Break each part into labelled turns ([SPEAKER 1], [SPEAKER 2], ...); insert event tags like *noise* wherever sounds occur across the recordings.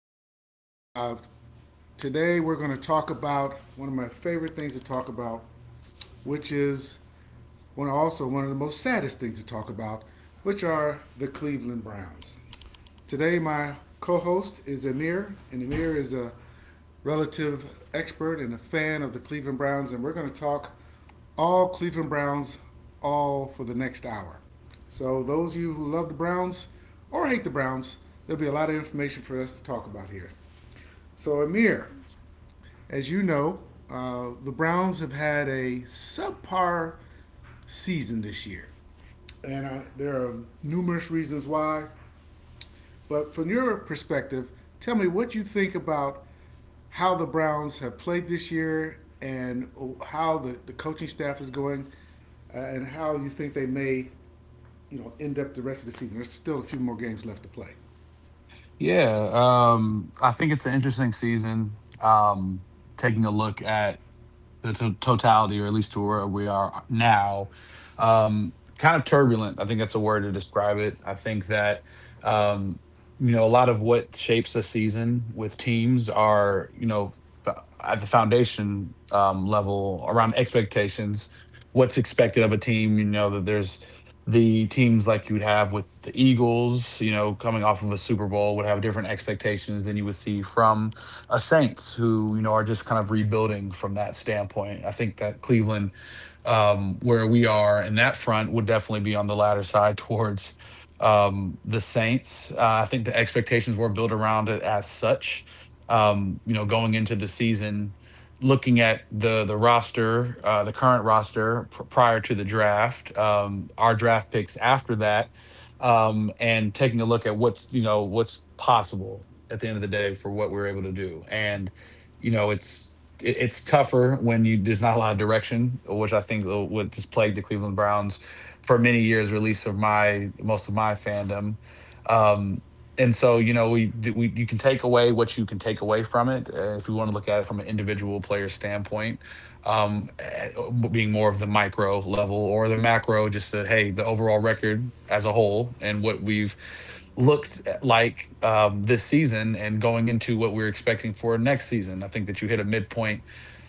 [SPEAKER 1] us. Uh, Today, we're going to talk about one of my favorite things to talk about, which is one of the most saddest things to talk about, which are the Cleveland Browns. Today, my co-host is Amir, and Amir is a relative expert and a fan of the Cleveland Browns, and we're going to talk all Cleveland Browns all for the next hour. So, those of you who love the Browns or hate the Browns, there'll be a lot of information for us to talk about here. So, Amir, as you know, the Browns have had a subpar season this year, and there are numerous reasons why. But from your perspective, tell me what you think about how the Browns have played this year and how the coaching staff is going, and how you think they may, end up the rest of the season. There's still a few more games left to play.
[SPEAKER 2] Yeah, I think it's an interesting season. Taking a look at the totality, or at least to where we are now. Kind of turbulent. I think that's a word to describe it. I think that um, a lot of what shapes a season with teams are f- at the foundation level around expectations, what's expected of a team. You know that there's the teams like you'd have with the Eagles, you know, coming off of a Super Bowl would have different expectations than you would see from Saints, who you know are just kind of rebuilding from that standpoint. I think that Cleveland where we are in that front would definitely be on the latter side towards the Saints. I think the expectations were built around it as such. You know, going into the season, looking at the roster, the current roster prior to the draft, our draft picks after that, and taking a look at what's you know what's possible at the end of the day for what we're able to do. And you know, it's it's tougher when you there's not a lot of direction, which I think what has plagued the Cleveland Browns for many years, or at least of my most of my fandom. Um, and so you know we you can take away what you can take away from it if you want to look at it from an individual player standpoint, um, eh, being more of the micro level or the macro, just that hey the overall record as a whole and what we've like this season and going into what we're expecting for next season. I think that you hit a midpoint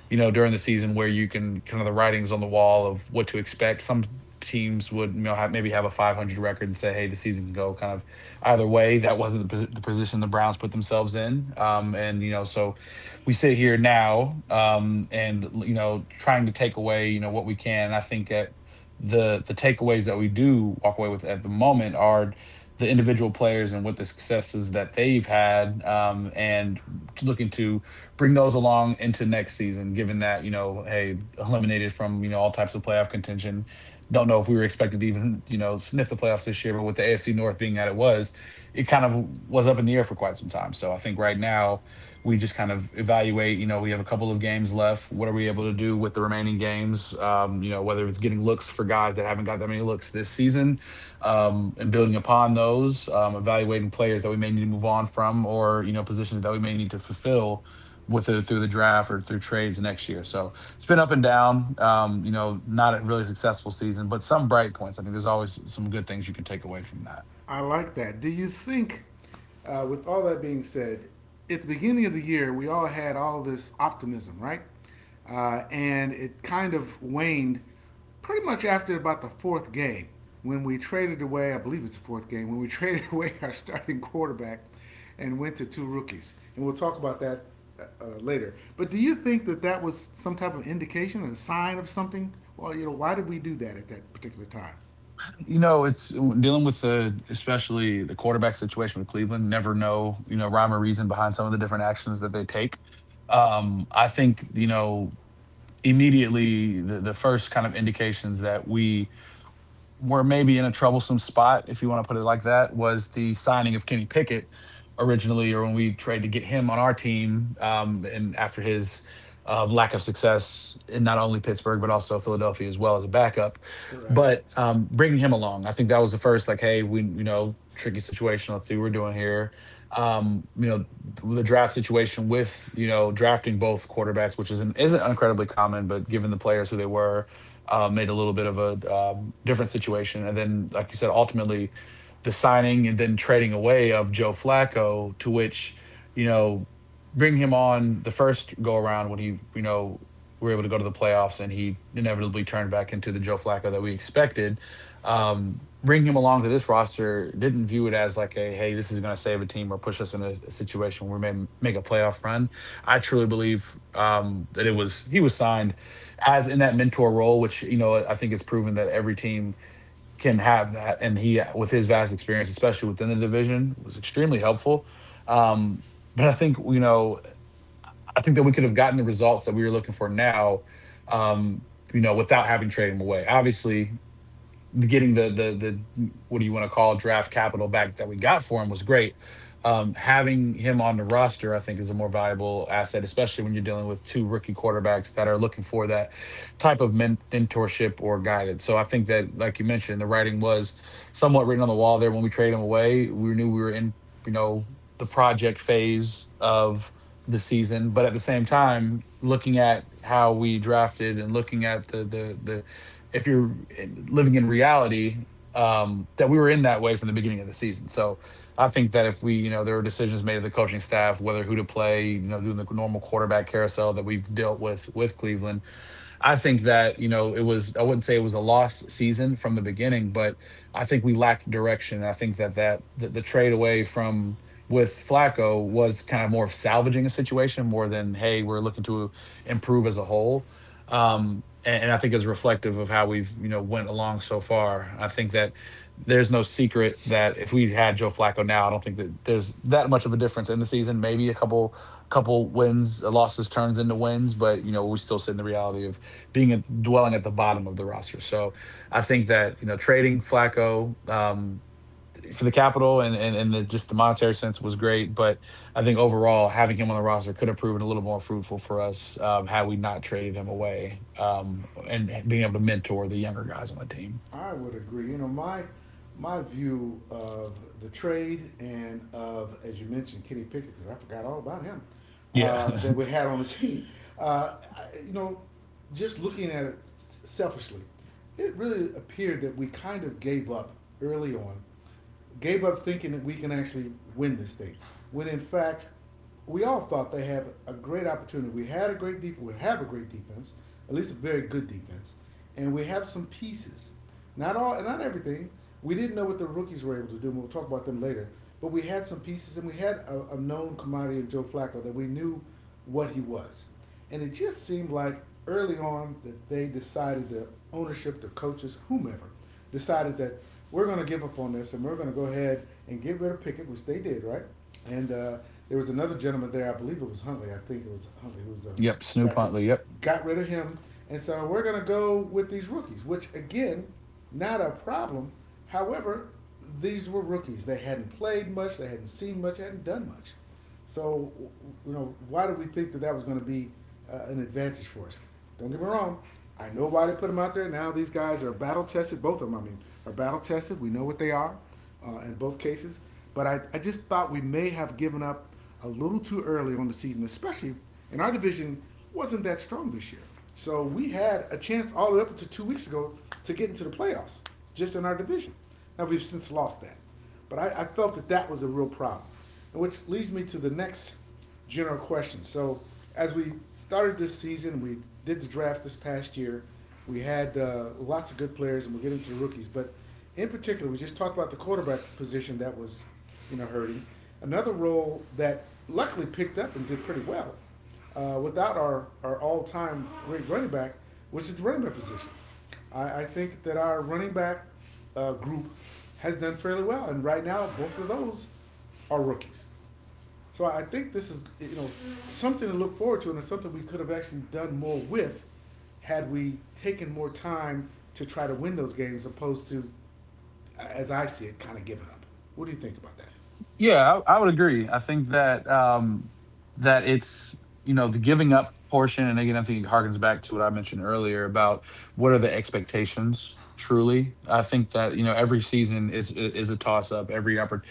[SPEAKER 2] you know, during the season where you can kind of the writings on the wall of what to expect. Some teams would you know have, maybe have a .500 record and say, hey, the season can go kind of either way. That wasn't the position the Browns put themselves in, and you know, so we sit here now, and you know, trying to take away you know what we can. And I think at the takeaways that we do walk away with at the moment are the individual players and what the successes that they've had and looking to bring those along into next season, given that, you know, hey, eliminated from, you know, all types of playoff contention. Don't know if we were expected to even, you know, sniff the playoffs this year, but with the AFC North being that it was, it kind of was up in the air for quite some time. So I think right now we just kind of evaluate, you know, we have a couple of games left. What are we able to do with the remaining games? You know, whether it's getting looks for guys that haven't got that many looks this season, and building upon those, evaluating players that we may need to move on from, or you know positions that we may need to fulfill whether through the draft or through trades next year. So it's been up and down. You know, not a really successful season, but some bright points. I think there's always some good things you can take away from that.
[SPEAKER 1] I like that. Do you think, with all that being said, at the beginning of the year, we all had all this optimism, right? And it kind of waned pretty much after about the fourth game when we traded away, I believe it's the fourth game, when we *laughs* traded away our starting quarterback and went to two rookies. And we'll talk about that later. But do you think that that was some type of indication, a sign of something? Well, why did we do that at that particular time?
[SPEAKER 2] You know, it's dealing with the especially the quarterback situation with Cleveland. Never know, you know, rhyme or reason behind some of the different actions that they take. I think you know immediately the first kind of indications that we were maybe in a troublesome spot, if you want to put it like that, was the signing of Kenny Pickett originally, or when we tried to get him on our team, and after his lack of success in not only Pittsburgh but also Philadelphia as well as a backup.
[SPEAKER 1] Right.
[SPEAKER 2] But bringing him along, I think that was the first like, hey, we you know tricky situation. Let's see what we're doing here. You know the draft situation with you know drafting both quarterbacks, which isn't incredibly common, but given the players who they were made a little bit of a different situation. And then, like you said, ultimately the signing and then trading away of Joe Flacco, to which, you know, bring him on the first go around when he, you know, we were able to go to the playoffs and he inevitably turned back into the Joe Flacco that we expected. Bringing him along to this roster didn't view it as like a, hey, this is going to save a team or push us in a situation where we may make a playoff run. I truly believe that it was, he was signed has in that mentor role, which you know I think it's proven that every team can have that, and he with his vast experience, especially within the division, was extremely helpful. Um, but I think you know I think that we could have gotten the results that we were looking for now, um, you know, without having traded him away. Obviously, getting the what do you want to call draft capital back that we got for him was great. Having him on the roster, I think, is a more valuable asset, especially when you're dealing with two rookie quarterbacks that are looking for that type of mentorship or guidance. So I think that, like you mentioned, the writing was somewhat written on the wall there when we traded him away. We knew we were in, you know, the project phase of the season, but at the same time, looking at how we drafted and looking at the if you're living in reality, that we were in that way from the beginning of the season. So I think that if we, you know, there were decisions made of the coaching staff, whether who to play, you know, doing the normal quarterback carousel that we've dealt with Cleveland. I think that, you know, it was, I wouldn't say it was a lost season from the beginning, but I think we lacked direction. I think that that the trade away from with Flacco was kind of more of salvaging a situation more than, hey, we're looking to improve as a whole. And I think is reflective of how we've, you know, went along so far. I think that there's no secret that if we had Joe Flacco now, I don't think that there's that much of a difference in the season. Maybe a couple wins, losses turns into wins, but you know, we still sit in the reality of being at, dwelling at the bottom of the roster. So I think that you know trading Flacco for the capital and just the monetary sense was great, but I think overall having him on the roster could have proven a little more fruitful for us had we not traded him away and being able to mentor the younger guys on the team.
[SPEAKER 1] I would agree. My view of the trade and of, as you mentioned, Kenny Pickett, because I forgot all about him
[SPEAKER 2] Yeah.
[SPEAKER 1] that we had on the *laughs* team. Uh, you know, just looking at it selfishly, it really appeared that we kind of gave up early on gave up thinking that we can actually win this thing. When in fact, we all thought they had a great opportunity. We had a great defense. We have a great defense, at least a very good defense, and we have some pieces. Not all, not everything. We didn't know what the rookies were able to do. And we'll talk about them later. But we had some pieces, and we had a known commodity of Joe Flacco that we knew what he was. And it just seemed like early on that they decided the ownership, the coaches, whomever, decided that we're going to give up on this and we're going to go ahead and get rid of Pickett, which they did, right? And there was another gentleman there, I believe it was Huntley. I think it was Huntley who was
[SPEAKER 2] *laughs* Yep. Snoop
[SPEAKER 1] back up.
[SPEAKER 2] Huntley. Yep.
[SPEAKER 1] Got rid of him. And so we're going to go with these rookies, which again, not a problem. However, these were rookies. They hadn't played much, they hadn't seen much, hadn't done much. So, why did we think that that was going to be an advantage for us? Don't get me wrong. I know why they put them out there. Now these guys are battle tested. Both of them, I mean, are battle tested. We know what they are in both cases. But I just thought we may have given up a little too early on the season, especially in our division wasn't that strong this year. So we had a chance all the way up to 2 weeks ago to get into the playoffs just in our division. Now we've since lost that. But I felt that that was a real problem, and which leads me to the next general question. So, as we started this season, we did the draft this past year. We had lots of good players, and we'll get into the rookies. But in particular, we just talked about the quarterback position that was, hurting. Another role that luckily picked up and did pretty well without our all-time great running back, which is the running back position. I think that our running back group has done fairly well, and right now both of those are rookies. So I think this is something to look forward to, and it's something we could have actually done more with had we taken more time to try to win those games, opposed to, as I see it, kind of giving up. What do you think about that?
[SPEAKER 2] I would agree. I think that that it's you know the giving up portion, and again, I think it harkens back to what I mentioned earlier about what are the expectations. Truly, I think that you know every season is a toss up.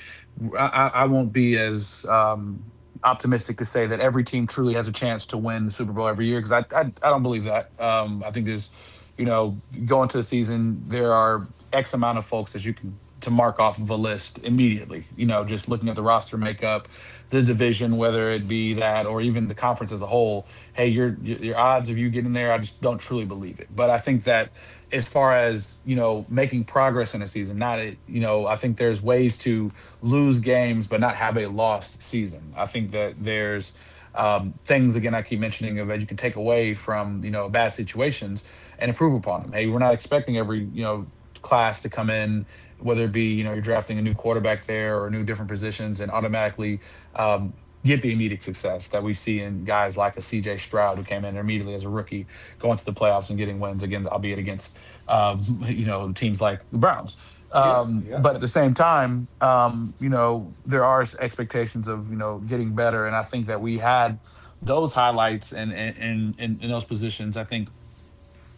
[SPEAKER 2] I won't be as optimistic to say that every team truly has a chance to win the Super Bowl every year because I don't believe that. I think there's you know going to the season there are X amount of folks that you can to mark off of a list immediately. You know, just looking at the roster makeup, the division, whether it be that or even the conference as a whole. Hey, your odds of you getting there, I just don't truly believe it. But I think that as far as you know, making progress in a season, not a- you know, I think there's ways to lose games but not have a lost season. I think that there's things again I keep mentioning of that you can take away from you know bad situations and improve upon them. Hey, we're not expecting every class to come in, whether it be you're drafting a new quarterback there or new different positions, and automatically um, get the immediate success that we see in guys like a CJ Stroud, who came in immediately as a rookie, going to the playoffs and getting wins, again albeit against *laughs* teams like the Browns.
[SPEAKER 1] Yep, yep.
[SPEAKER 2] But at the same time, there are expectations of getting better, and I think that we had those highlights and in those positions. I think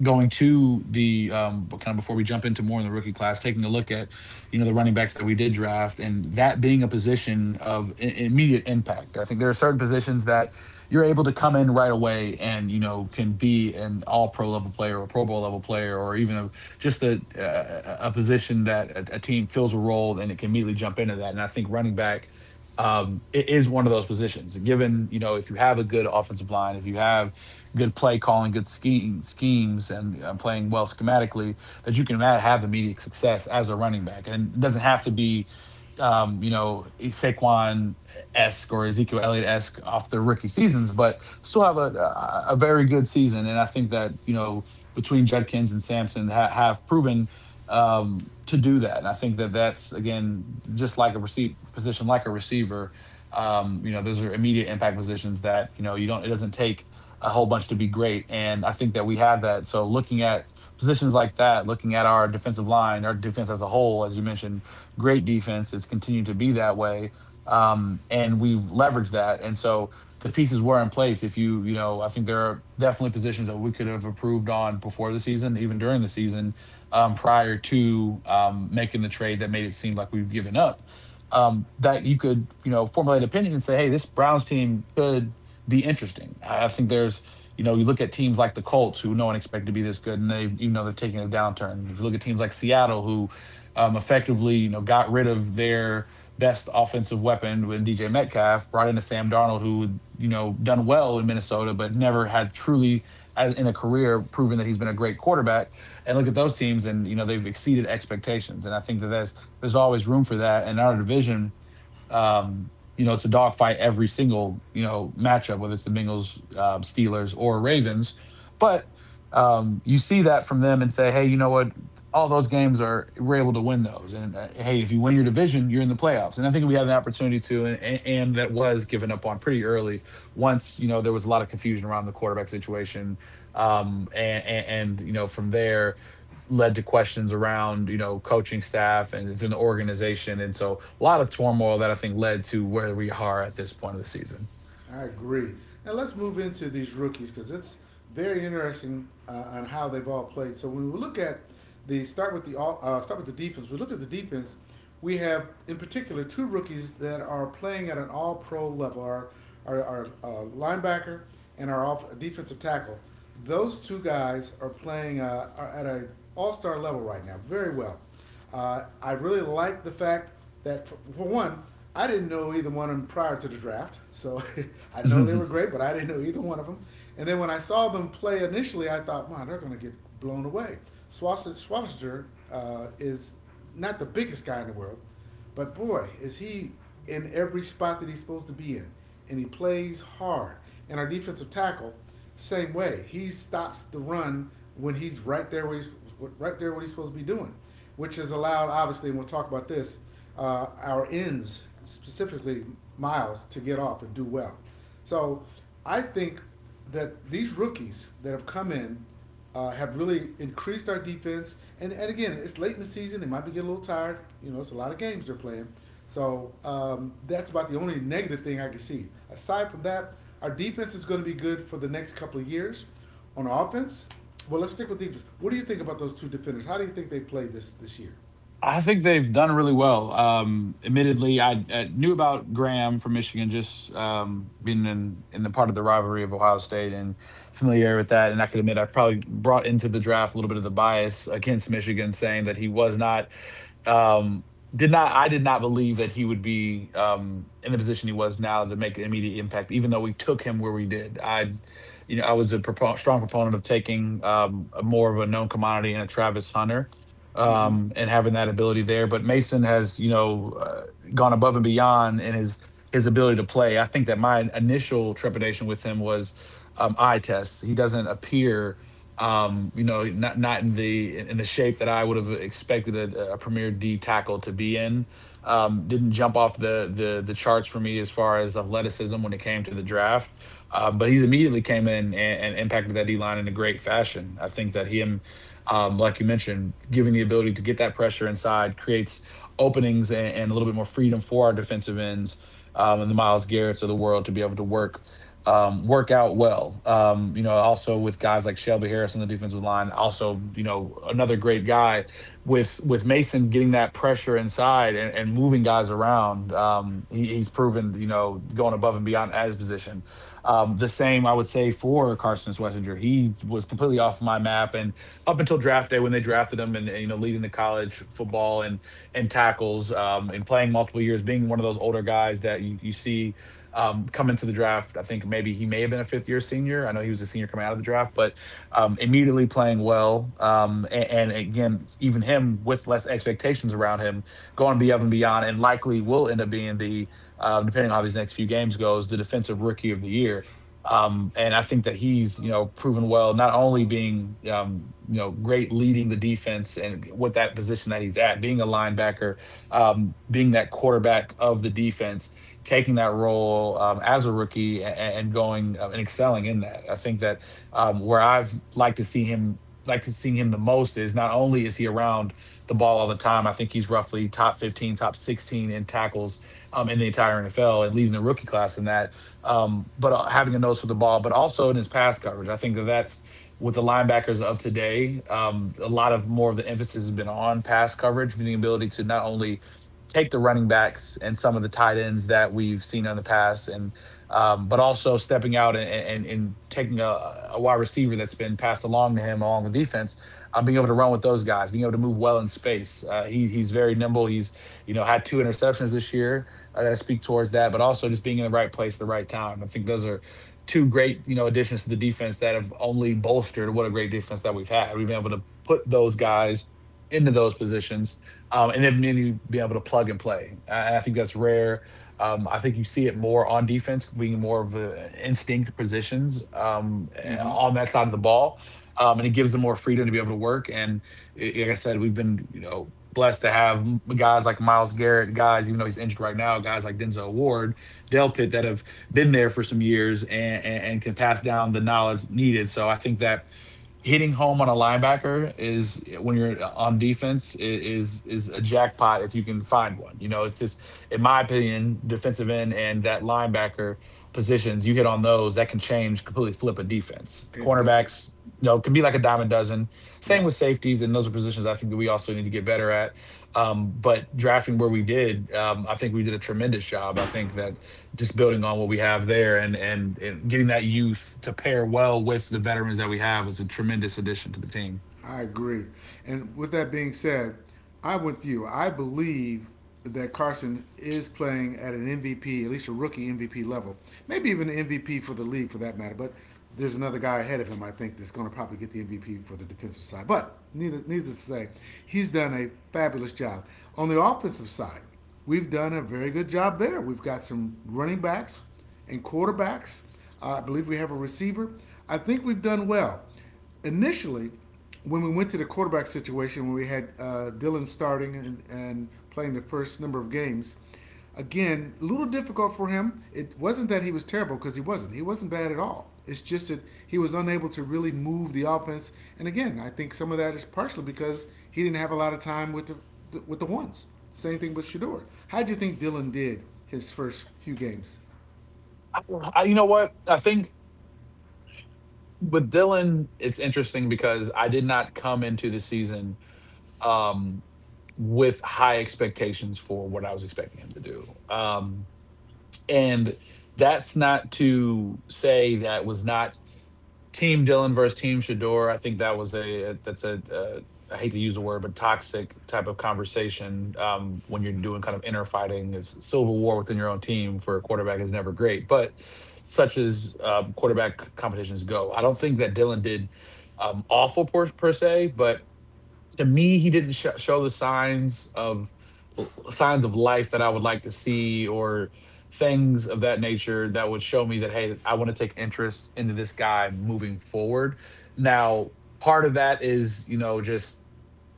[SPEAKER 2] going to the but, kind of, before we jump into more in the rookie class, taking a look at the running backs that we did draft, and that being a position of immediate impact, I think there are certain positions that you're able to come in right away and can be an all pro level player or pro bowl level player, or even a, just a position that a team fills a role, and it can immediately jump into that. And I think running back is one of those positions, given if you have a good offensive line, if you have good play calling, good schemes, and playing well schematically, that you can have immediate success as a running back. And it doesn't have to be, Saquon esque or Ezekiel Elliott esque off their rookie seasons, but still have a very good season. And I think that, between Judkins and Sampson, have proven, to do that. And I think that that's, again, just like a receiver. Those are immediate impact positions that you know you don't. It doesn't take a whole bunch to be great. And I think that we have that. So, looking at positions like that, looking at our defensive line, our defense as a whole, as you mentioned, great defense. It's continued to be that way. And we've leveraged that. And so the pieces were in place. If you, you know, I think there are definitely positions that we could have improved on before the season, even during the season, prior to making the trade that made it seem like we've given up. That you could, formulate an opinion and say, hey, this Browns team could be interesting. I think you look at teams like the Colts, who no one expected to be this good, and they've taken a downturn. If you look at teams like Seattle, who effectively, got rid of their best offensive weapon with DJ Metcalf, brought in a Sam Darnold, who, done well in Minnesota, but never had, truly, as in a career, proven that he's been a great quarterback. And look at those teams, and they've exceeded expectations. And I think that, there's always room for that. And in our division, it's a dogfight every single matchup, whether it's the Bengals, Steelers, or Ravens. But, you see that from them and say, hey, you know what? All those games are we're able to win those. And, hey, if you win your division, you're in the playoffs. And I think we had an opportunity to, and that was given up on pretty early. Once, there was a lot of confusion around the quarterback situation, and from there led to questions around coaching staff and within the organization, and so a lot of turmoil that I think led to where we are at this point of the season.
[SPEAKER 1] I agree. Now let's move into these rookies because it's very interesting on how they've all played. So when we look at the start with the start with the defense, we look at the defense. We have in particular two rookies that are playing at an All Pro level: our linebacker and our defensive tackle. Those two guys are playing are at a All Star level right now, very well. I really like the fact that, for one, I didn't know either one of them prior to the draft, so *laughs* I know they were
[SPEAKER 2] *laughs*
[SPEAKER 1] great, but I didn't know either one of them. And then when I saw them play initially, I thought, man, they're going to get blown away. Schwarzenegger is not the biggest guy in the world, but boy, is he in every spot that he's supposed to be in, and he plays hard. And our defensive tackle, same way, he stops the run when he's right there where he's right there what he's supposed to be doing, which has allowed obviously, and we'll talk about this, our ends specifically Miles to get off and do well. So I think that these rookies that have come in have really increased our defense. And again, it's late in the season. They might be getting a little tired. It's a lot of games they're playing. So that's about the only negative thing I can see. Aside from that, our defense is going to be good for the next couple of years. On offense, well, let's stick with defense. What do you think about those two defenders? How do you think they played this year?
[SPEAKER 2] I think they've done really well. Admittedly, I knew about Graham from Michigan, just being in the part of the rivalry of Ohio State and familiar with that. And I could admit I probably brought into the draft a little bit of the bias against Michigan, saying that he was not um, did not I did not believe that he would be, in the position he was now, to make an immediate impact, even though we took him where we did. I was a strong proponent of taking, a, more of a known commodity, and a Travis Hunter,
[SPEAKER 1] Mm-hmm.
[SPEAKER 2] and having that ability there. But Mason has, gone above and beyond in his ability to play. I think that my initial trepidation with him was, eye tests. He doesn't appear, not in the shape that I would have expected a premier D tackle to be in. Didn't jump off the charts for me as far as athleticism when it came to the draft, but he's immediately came in and impacted that D line in a great fashion. I think that him, like you mentioned, giving the ability to get that pressure inside, creates openings and a little bit more freedom for our defensive ends, and the Miles Garrett's of the world to be able to work out well. Also, with guys like Shelby Harris on the defensive line, also another great guy, with Mason getting that pressure inside and moving guys around. He's proven, going above and beyond at his position. The same I would say for Carson Swessinger. He was completely off my map, and up until draft day, when they drafted him, and leading the college football and tackles, and playing multiple years, being one of those older guys that you see, come into the draft. I think maybe he may have been a fifth year senior. I know he was a senior coming out of the draft, but, immediately playing well. And, again, even him, with less expectations around him, going above and beyond, and likely will end up being depending on how these next few games goes, the defensive rookie of the year. And I think that he's, proven well, not only being, great, leading the defense and with that position that he's at, being a linebacker, being that quarterback of the defense, taking that role, as a rookie, and going, and excelling in that. I think that, where I've like to seeing him the most, is, not only is he around the ball all the time. I think he's roughly top 15, top 16 in tackles, in the entire NFL and leading the rookie class in that. But, having a nose for the ball, but also in his pass coverage, I think that that's with the linebackers of today. A lot of more of the emphasis has been on pass coverage, the ability to not only take the running backs and some of the tight ends that we've seen in the past, and but also stepping out and taking a wide receiver that's been passed along to him along the defense, being able to run with those guys, being able to move well in space. He's very nimble. He's, had two interceptions this year, that speak towards that. But also just being in the right place at the right time. I think those are two great, additions to the defense that have only bolstered what a great defense that we've had. We've been able to put those guys into those positions, and then maybe you be able to plug and play. I think that's rare. I think you see it more on defense, being more of a instinct positions,
[SPEAKER 1] Mm-hmm.
[SPEAKER 2] on that side of the ball, and it gives them more freedom to be able to work. And, like I said, we've been, blessed to have, guys like Miles Garrett, guys, even though he's injured right now, guys like Denzel Ward, Delpit, that have been there for some years, and can pass down the knowledge needed. So I think that hitting home on a linebacker is, when you're on defense, is a jackpot if you can find one. You know, it's just, in my opinion, defensive end and that linebacker positions, you hit on those, that can change completely flip a defense. The
[SPEAKER 1] It
[SPEAKER 2] cornerbacks, can be like a dime a dozen. Same
[SPEAKER 1] Yep.
[SPEAKER 2] with safeties, and those are positions I think that we also need to get better at. But drafting where we did, I think we did a tremendous job. I think that, just building on what we have there, and getting that youth to pair well with the veterans that we have, is a tremendous addition to the team.
[SPEAKER 1] I agree. And with that being said, I'm with you. I believe that Carson is playing at an MVP, at least a rookie MVP level, maybe even an MVP for the league for that matter. But there's another guy ahead of him, I think, that's going to probably get the MVP for the defensive side. But needless to say, he's done a fabulous job. On the offensive side, we've done a very good job there. We've got some running backs and quarterbacks. I believe we have a receiver. I think we've done well. Initially, when we went to the quarterback situation, when we had Dylan starting and playing the first number of games, again, a little difficult for him. It wasn't that he was terrible because he wasn't. He wasn't bad at all. It's just that he was unable to really move the offense. And again, I think some of that is partially because he didn't have a lot of time with the ones. Same thing with Shador. How do you think Dylan did his first few games?
[SPEAKER 2] I, you know what? I think with Dylan, it's interesting because I did not come into the season um, with high expectations for what I was expecting him to do, and that's not to say that was not Team Dylan versus Team Shador. I think that was that's a I hate to use the word, but toxic type of conversation when you're doing kind of inner fighting. It's civil war within your own team for a quarterback is never great, but such as quarterback competitions go, I don't think that Dylan did awful per se, but to me, he didn't show the signs of life that I would like to see or things of that nature that would show me that hey, I want to take interest into this guy moving forward. Now, part of that is you know just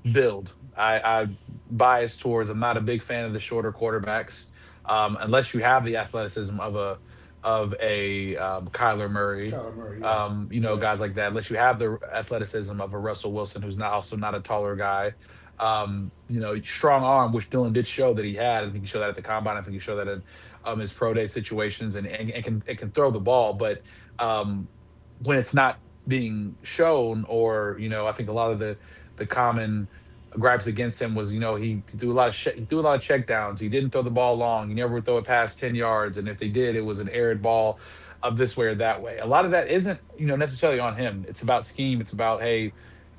[SPEAKER 2] build. I bias towards. I'm not a big fan of the shorter quarterbacks, unless you have the athleticism of a Kyler Murray,
[SPEAKER 1] Kyler Murray, yeah,
[SPEAKER 2] you know,
[SPEAKER 1] right.
[SPEAKER 2] guys like that. Unless you have the athleticism of a Russell Wilson, who's not also not a taller guy. You know, strong arm, which Dylan did show that he had. I think he showed that at the combine. I think he showed that in his pro day situations, and can throw the ball. But um, when it's not being shown, or you know, I think a lot of the common gripes against him was, you know, he threw a lot of he threw a lot of checkdowns. He didn't throw the ball long. He never would throw it past 10 yards, and if they did, it was an arid ball of this way or that way. A lot of that isn't, you know, necessarily on him. It's about scheme. It's about hey,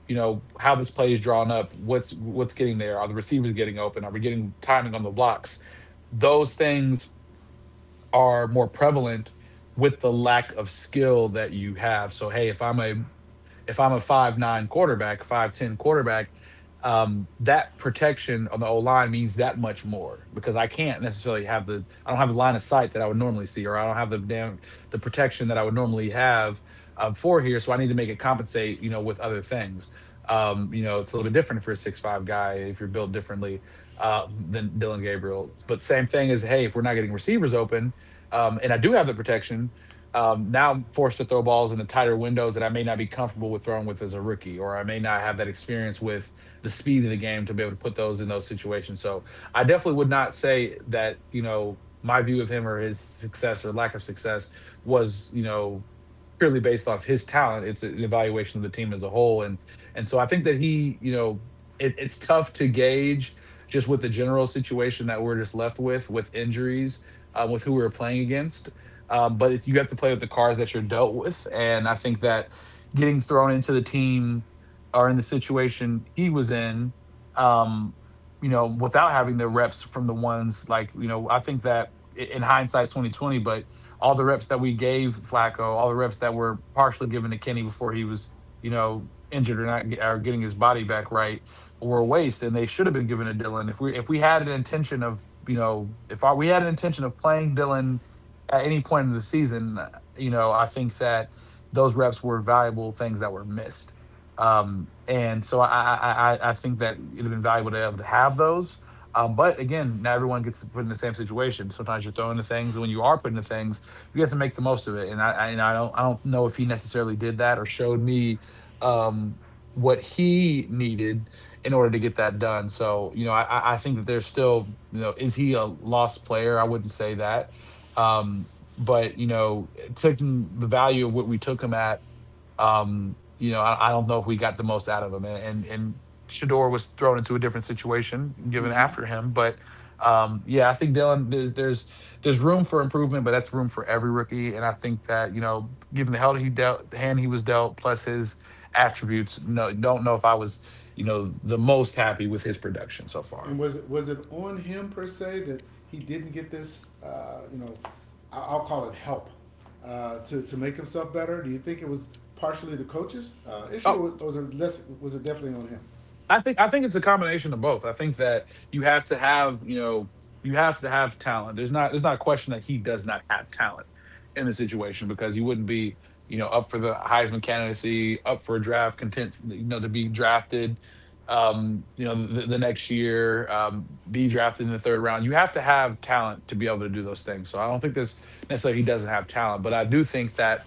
[SPEAKER 2] you know, how this play is drawn up. What's getting there? Are the receivers getting open? Are we getting timing on the blocks? Those things are more prevalent with the lack of skill that you have. So hey, if I'm a 5'9" quarterback, 5'10" quarterback, that protection on the O line means that much more because I can't necessarily have the I don't have the line of sight that I would normally see, or I don't have the damn the protection that I would normally have for here. So I need to make it compensate, you know, with other things. You know, it's a little bit different for a 6'5" guy if you're built differently than Dylan Gabriel. But same thing is, hey, if we're not getting receivers open, and I do have the protection, now I'm forced to throw balls in the tighter windows that I may not be comfortable with throwing with as a rookie, or I may not have that experience with the speed of the game to be able to put those in those situations. So I definitely would not say that, you know, my view of him or his success or lack of success was, you know, purely based off his talent. It's an evaluation of the team as a whole. And so I think that he, you know, it's tough to gauge just with the general situation that we're just left with injuries, with who we were playing against. But it's, you have to play with the cards that you're dealt with. And I think that getting thrown into the team or in the situation he was in, um, you know, without having the reps from the ones like, you know, I think that in hindsight, 2020, but all the reps that we gave Flacco, all the reps that were partially given to Kenny before he was, you know, injured or not or getting his body back right were a waste and they should have been given to Dylan. If we had an intention of, you know, if our, we had an intention of playing Dylan at any point in the season, you know, I think that those reps were valuable things that were missed. And so I, I think that it'd have been valuable to have those. But again, not everyone gets put in the same situation. Sometimes you're thrown into things, and when you are put into things, you have to make the most of it. And I don't know if he necessarily did that or showed me um, what he needed in order to get that done. So you know, I think that there's still you know, is he a lost player? I wouldn't say that um, but you know, taking the value of what we took him at, you know, I don't know if we got the most out of him. And Shador was thrown into a different situation given
[SPEAKER 1] Mm-hmm.
[SPEAKER 2] after him. But yeah, I think Dylan, there's room for improvement, but that's room for every rookie. And I think that you know, given the hell he dealt, the hand he was dealt, plus his attributes, no, don't know if I was you know the most happy with his production so far.
[SPEAKER 1] And was it on him per se that he didn't get this? I will call it help to make himself better. Do you think it was partially the coach's issue,
[SPEAKER 2] Oh.
[SPEAKER 1] or was it less? Was it definitely on him?
[SPEAKER 2] I think it's a combination of both. I think that you have to have, you know, you have to have talent. There's not a question that he does not have talent in the situation because you wouldn't be, you know, up for the Heisman candidacy, up for a draft content, you know, to be drafted you know, the next year, be drafted in the third round. You have to have talent to be able to do those things. So I don't think this necessarily he doesn't have talent, but I do think that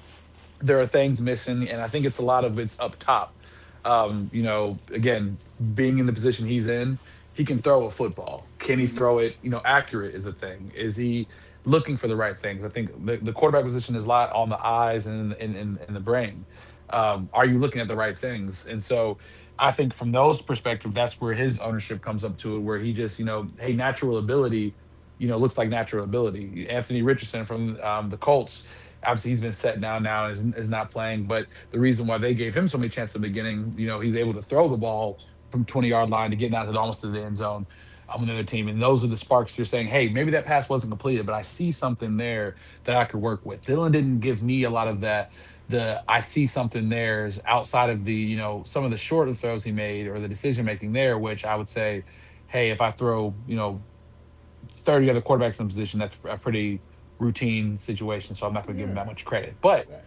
[SPEAKER 2] there are things missing, and I think it's a lot of it's up top. You know, again, being in the position he's in, he can throw a football. Can he
[SPEAKER 1] Mm-hmm.
[SPEAKER 2] throw it? You know, accurate is a thing. Is he looking for the right things? I think the quarterback position is a lot on the eyes and and the brain. Are you looking at the right things? And so, I think from those perspectives, that's where his ownership comes up to it, where he just, you know, hey, natural ability, you know, looks like natural ability. Anthony Richardson from the Colts. Obviously, he's been set down now and is not playing. But the reason why they gave him so many chances in the beginning, you know, he's able to throw the ball from 20-yard line to get down to the, almost to the end zone on the other team. And those are the sparks you're saying, hey, maybe that pass wasn't completed, but I see something there that I could work with. Dylan didn't give me a lot of that. The I see something there is outside of the, you know, some of the shorter throws he made or the decision making there, which I would say, hey, if I throw, you know, 30 other quarterbacks in the position. That's a pretty routine situation, so I'm not going to give
[SPEAKER 1] Yeah.
[SPEAKER 2] him that much credit. But
[SPEAKER 1] That.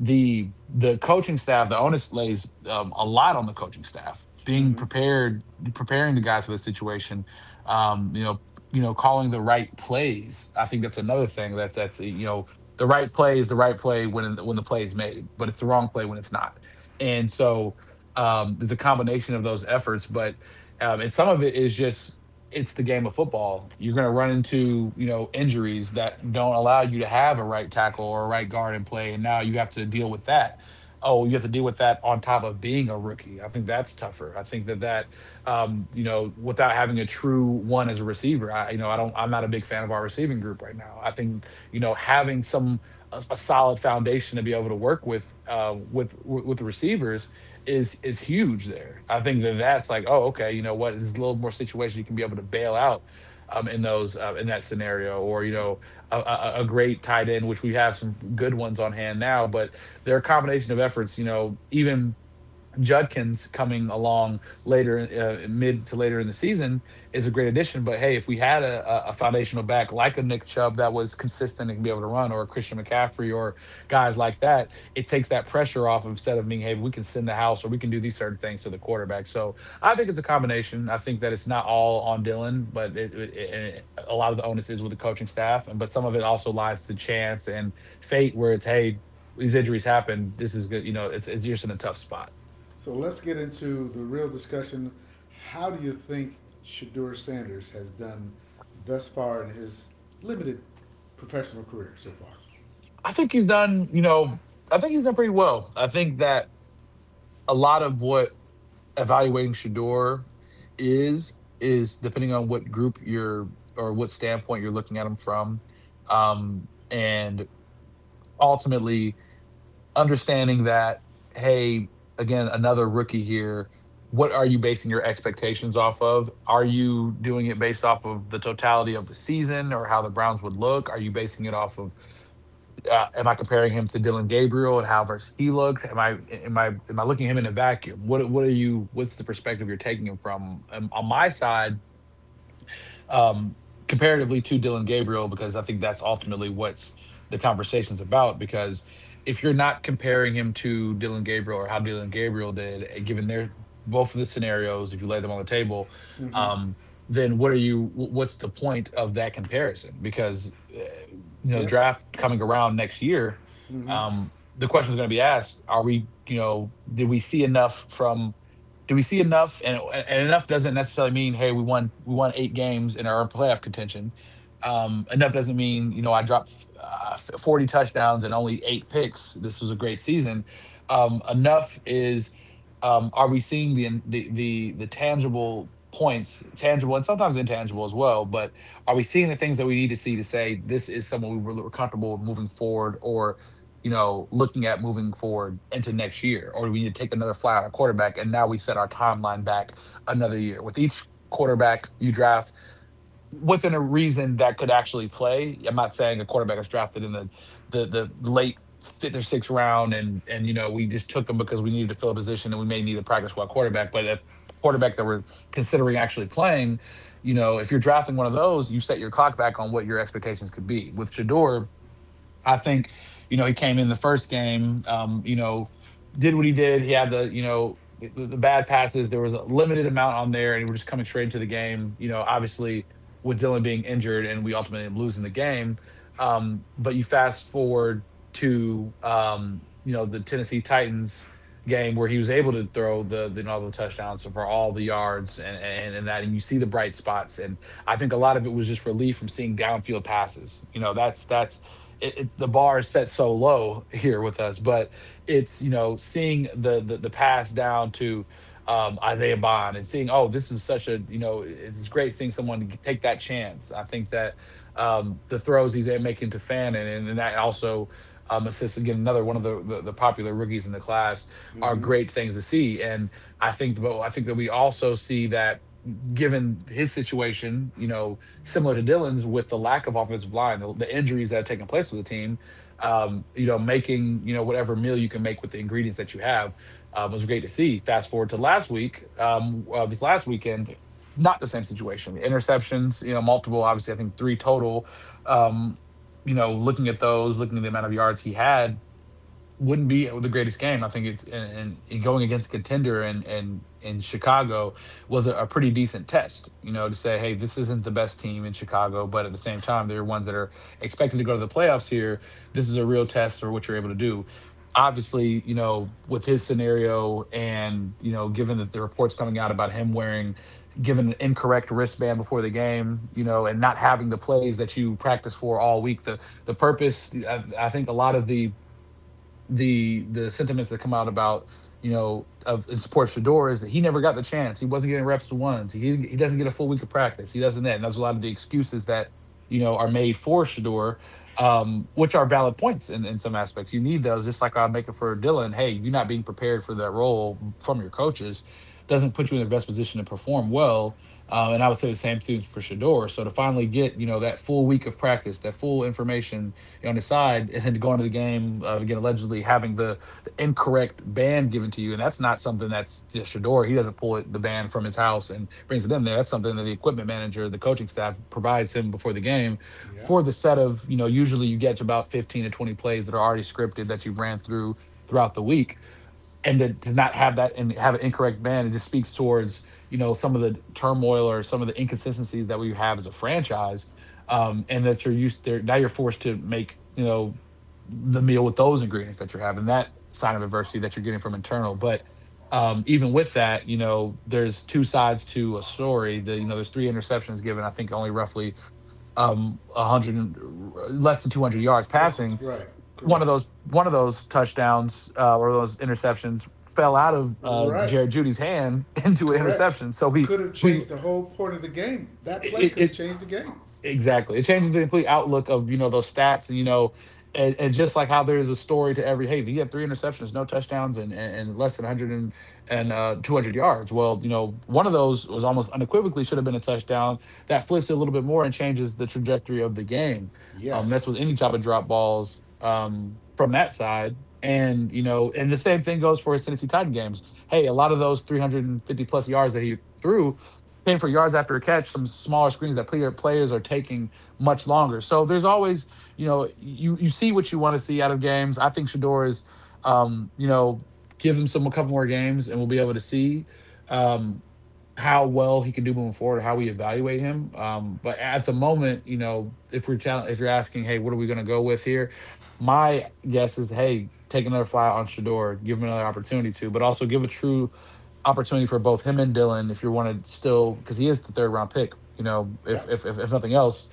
[SPEAKER 2] the coaching staff, the onus lays a lot on the coaching staff, being
[SPEAKER 1] Hmm.
[SPEAKER 2] prepared, preparing the guys for the situation. Um, you know, you know, calling the right plays. I think that's another thing. That's you know, the right play is the right play when the play is made, but it's the wrong play when it's not. And so there's a combination of those efforts, but and some of it is just it's the game of football. You're going to run into, you know, injuries that don't allow you to have a right tackle or a right guard in play. And now you have to deal with that. Oh, you have to deal with that on top of being a rookie. I think that's tougher. I think that you know, without having a true one as a receiver, you know, I don't, I'm not a big fan of our receiving group right now. I think, you know, a solid foundation to be able to work with, with the receivers is huge there. I think that that's like, oh, okay, you know what? There's a little more situation you can be able to bail out in those in that scenario, or you know, a great tight end, which we have some good ones on hand now. But their combination of efforts, you know, even Judkins coming along later, mid to later in the season, is a great addition. But hey, if we had a foundational back like a Nick Chubb that was consistent and can be able to run, or a Christian McCaffrey, or guys like that, it takes that pressure off instead of being, hey, we can send the house or we can do these certain things to the quarterback. So I think it's a combination. I think that it's not all on Dylan, but a lot of the onus is with the coaching staff, and but some of it also lies to chance and fate, where it's hey. These injuries happen. This is good. You know, it's just in a tough spot.
[SPEAKER 1] So let's get into the real discussion. How do you think Shadur Sanders has done thus far in his limited professional career so far?
[SPEAKER 2] I think he's done, you know, I think he's done pretty well. I think that a lot of what evaluating Shador is depending on what group you're or what standpoint you're looking at him from. And ultimately understanding that, hey, again, another rookie here. What are you basing your expectations off of? Are you doing it based off of the totality of the season or how the Browns would look? Are you basing it off of am I comparing him to Dylan Gabriel and how versus he looked? Am I looking at him in a vacuum? What are you? What's the perspective you're taking him from? On my side, um, comparatively to Dylan Gabriel, because I think that's ultimately what's the conversation's about. Because if you're not comparing him to Dylan Gabriel or how Dylan Gabriel did, eh, given their both of the scenarios, if you lay them on the table,
[SPEAKER 1] Mm-hmm.
[SPEAKER 2] um, then what are you? What's the point of that comparison? Because
[SPEAKER 1] Yep.
[SPEAKER 2] draft coming around next year,
[SPEAKER 1] Mm-hmm.
[SPEAKER 2] the question is going to be asked: are we, you know, did we see enough from do we see enough? And enough doesn't necessarily mean, hey, we won eight games and are in playoff contention. Enough doesn't mean, you know, I dropped 40 touchdowns and only eight picks. This was a great season. Enough is, are we seeing the tangible points, tangible and sometimes intangible as well? But are we seeing the things that we need to see to say this is someone we're comfortable with moving forward, or? You know, looking at moving forward into next year? Or do we need to take another fly on a quarterback and now we set our timeline back another year? With each quarterback you draft within a reason that could actually play. I'm not saying a quarterback is drafted in the late fifth or sixth round and you know we just took them because we needed to fill a position and we may need a practice squad quarterback. But a quarterback that we're considering actually playing, you know, if you're drafting one of those, you set your clock back on what your expectations could be. With Shador, I think, you know, he came in the first game, did what he did. He had the bad passes. There was a limited amount on there, and we are just coming straight into the game. You know, obviously with Dylan being injured, and we ultimately end up losing the game. But you fast forward to, the Tennessee Titans game where he was able to throw all the touchdowns for all the yards and, and that, and you see the bright spots. And I think a lot of it was just relief from seeing downfield passes. You know, that's it, it, the bar is set so low here with us, but it's you know seeing the pass down to Isaiah Bond and seeing oh this is such a you know it's great seeing someone take that chance. I think that the throws he's making to Fannin and that also assists again another one of the popular rookies in the class are
[SPEAKER 1] Mm-hmm.
[SPEAKER 2] great things to see. And I think but I think that we also see that given his situation, you know similar to Dylan's with the lack of offensive line, the injuries that have taken place with the team, you know, making, you know, whatever meal you can make with the ingredients that you have was great to see. Fast forward to last week, this last weekend, not the same situation. Interceptions, you know, multiple, obviously, I think three total. Um, you know, looking at those, looking at the amount of yards he had, wouldn't be the greatest game. I think it's and going against a contender and in Chicago was a pretty decent test, you know, to say, hey, this isn't the best team in Chicago, but at the same time, they're ones that are expected to go to the playoffs here. This is a real test for what you're able to do. Obviously, you know, with his scenario and, you know, given that the reports coming out about him wearing given an incorrect wristband before the game, you know, and not having the plays that you practice for all week, the purpose, I think a lot of the sentiments that come out about you know of in support Shador is that he never got the chance. He wasn't getting reps to ones. He doesn't get a full week of practice. He doesn't that, and that's a lot of the excuses that you know are made for Shador, which are valid points in some aspects. You need those, just like I make it for Dylan. Hey, you're not being prepared for that role from your coaches. Doesn't put you in the best position to perform well, and I would say the same thing for Shador. So to finally get you know that full week of practice, that full information you're on his side, and then to go into the game again allegedly having the incorrect band given to you, and that's not something that's just Shador. He doesn't the band from his house and brings it in there. That's something that the equipment manager, the coaching staff provides him before the game
[SPEAKER 1] Yeah.
[SPEAKER 2] for the set of you know usually you get about 15 to 20 plays that are already scripted that you ran through throughout the week and to not have that and have an incorrect band. It just speaks towards you know some of the turmoil or some of the inconsistencies that we have as a franchise and that you're used there now you're forced to make you know the meal with those ingredients that you're having, that sign of adversity that you're getting from internal. But even with that you know there's two sides to a story, the you know there's three interceptions given. I think only roughly 100, less than 200 yards
[SPEAKER 1] Listen,
[SPEAKER 2] passing.
[SPEAKER 1] right,
[SPEAKER 2] One of
[SPEAKER 1] correct.
[SPEAKER 2] those, one of those touchdowns or those interceptions fell
[SPEAKER 1] It,
[SPEAKER 2] out of
[SPEAKER 1] Right,
[SPEAKER 2] Jared Judy's hand *laughs* into an
[SPEAKER 1] correct.
[SPEAKER 2] interception. So
[SPEAKER 1] Could have
[SPEAKER 2] we
[SPEAKER 1] changed the whole point of the game. That play
[SPEAKER 2] it,
[SPEAKER 1] could have
[SPEAKER 2] it
[SPEAKER 1] changed the game.
[SPEAKER 2] exactly. It changes the complete outlook of, you know, those stats and, you know, and just like how there is a story to every, hey, he had three interceptions, no touchdowns, and less than 100 and 200 yards. Well, you know, one of those was almost unequivocally should have been a touchdown. That flips it a little bit more and changes the trajectory of the game. That's
[SPEAKER 1] Yes.
[SPEAKER 2] with any type of drop balls from that side. And, you know, and the same thing goes for his Tennessee Titan games. Hey, a lot of those 350 plus yards that he threw same for yards after a catch, some smaller screens that players are taking much longer. So there's always, you know, you see what you want to see out of games. I think Shador is, you know, give him some a couple more games and we'll be able to see. Um, how well he can do moving forward, how we evaluate him. But at the moment, you know, if we're challenge, if you're asking, hey, what are we going to go with here? My guess is, hey, take another fly on Shador, give him another opportunity to, but also give a true opportunity for both him and Dylan if you want to still, because he is the third round pick. You know,
[SPEAKER 1] Yeah.
[SPEAKER 2] if nothing else,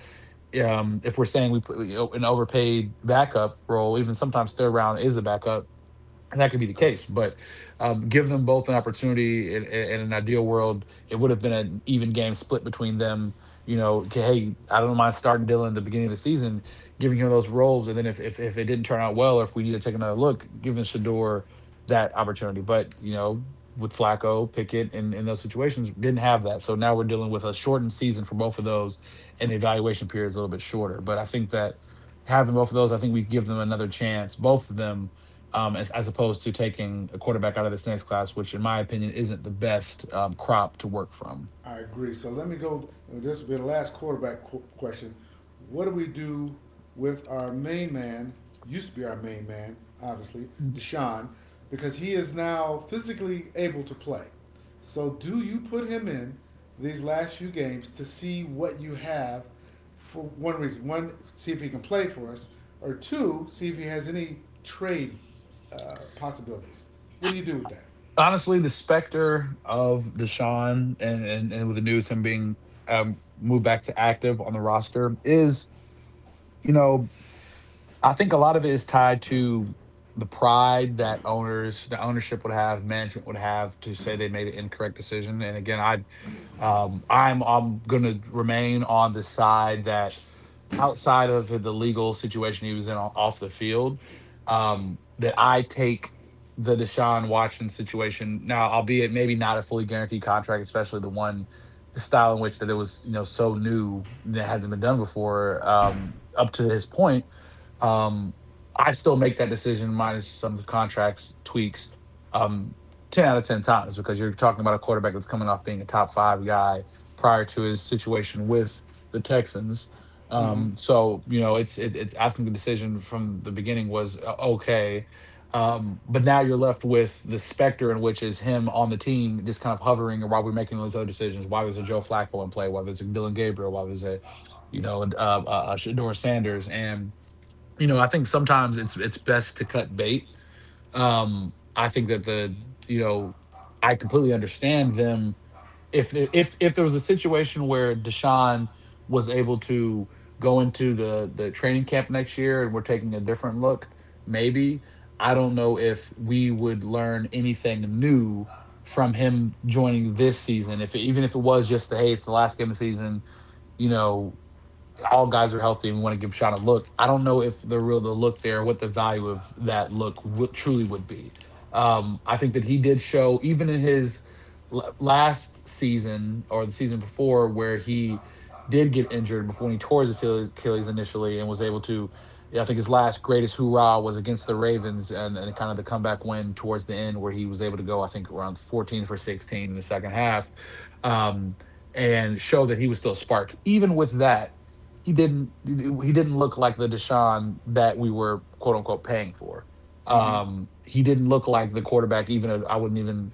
[SPEAKER 2] if we're saying we put you know an overpaid backup role, even sometimes third round is a backup and that could be the
[SPEAKER 1] Correct.
[SPEAKER 2] case, but give them both an opportunity. In an ideal world, it would have been an even game split between them. You know, hey, I don't mind starting Dylan at the beginning of the season, giving him those roles, and then if it didn't turn out well, or if we need to take another look, giving Shador that opportunity. But you know, with Flacco, Pickett, and in those situations, didn't have that. So now we're dealing with a shortened season for both of those, and the evaluation period is a little bit shorter. But I think that having both of those, I think we give them another chance, both of them as opposed to taking a quarterback out of this next class, which, in my opinion, isn't the best crop to work from.
[SPEAKER 1] I agree. So let me go. This will be the last quarterback question. What do we do with our main man? Used to be our main man, obviously, Deshaun, because he is now physically able to play. So do you put him in these last few games to see what you have for one reason? One, see if he can play for us, or two, see if he has any trade possibilities. What do you do with that?
[SPEAKER 2] Honestly, the specter of Deshaun and with the news him being moved back to active on the roster is, you know, I think a lot of it is tied to the pride that owners, the ownership would have, management would have to say they made an incorrect decision. And again, I'm going to remain on the side that outside of the legal situation he was in off the field, that I take the Deshaun Watson situation now, albeit maybe not a fully guaranteed contract, especially the one the style in which that it was you know so new that hasn't been done before up to his point. Um, I still make that decision minus some contracts tweaks. Um, 10 out of 10 times because you're talking about a quarterback that's coming off being a top five guy prior to his situation with the Texans
[SPEAKER 1] Mm-hmm.
[SPEAKER 2] so you know, it's I think the decision from the beginning was okay, but now you're left with the specter in which is him on the team, just kind of hovering while we're making those other decisions. Why there's a Joe Flacco in play? Why there's a Dylan Gabriel? Why there's a you know a Shador Sanders? And you know, I think sometimes it's best to cut bait. I think that the you know I completely understand them if there was a situation where Deshaun was able to go into the training camp next year and we're taking a different look, maybe I don't know if we would learn anything new from him joining this season. If it, even if it was just the hey, it's the last game of the season, you know, all guys are healthy and we want to give Sean a look. I don't know if the real the look there, what the value of that look will, truly would be. I think that he did show even in his last season or the season before where he did get injured before when he tore his Achilles initially and was able to. Yeah, I think his last greatest hoorah was against the Ravens, and kind of the comeback win towards the end where he was able to go, I think, around 14 for 16 in the second half. Um, and show that he was still a spark. Even with that, he didn't look like the Deshaun that we were quote unquote paying for.
[SPEAKER 1] Mm-hmm.
[SPEAKER 2] He didn't look like the quarterback, I wouldn't even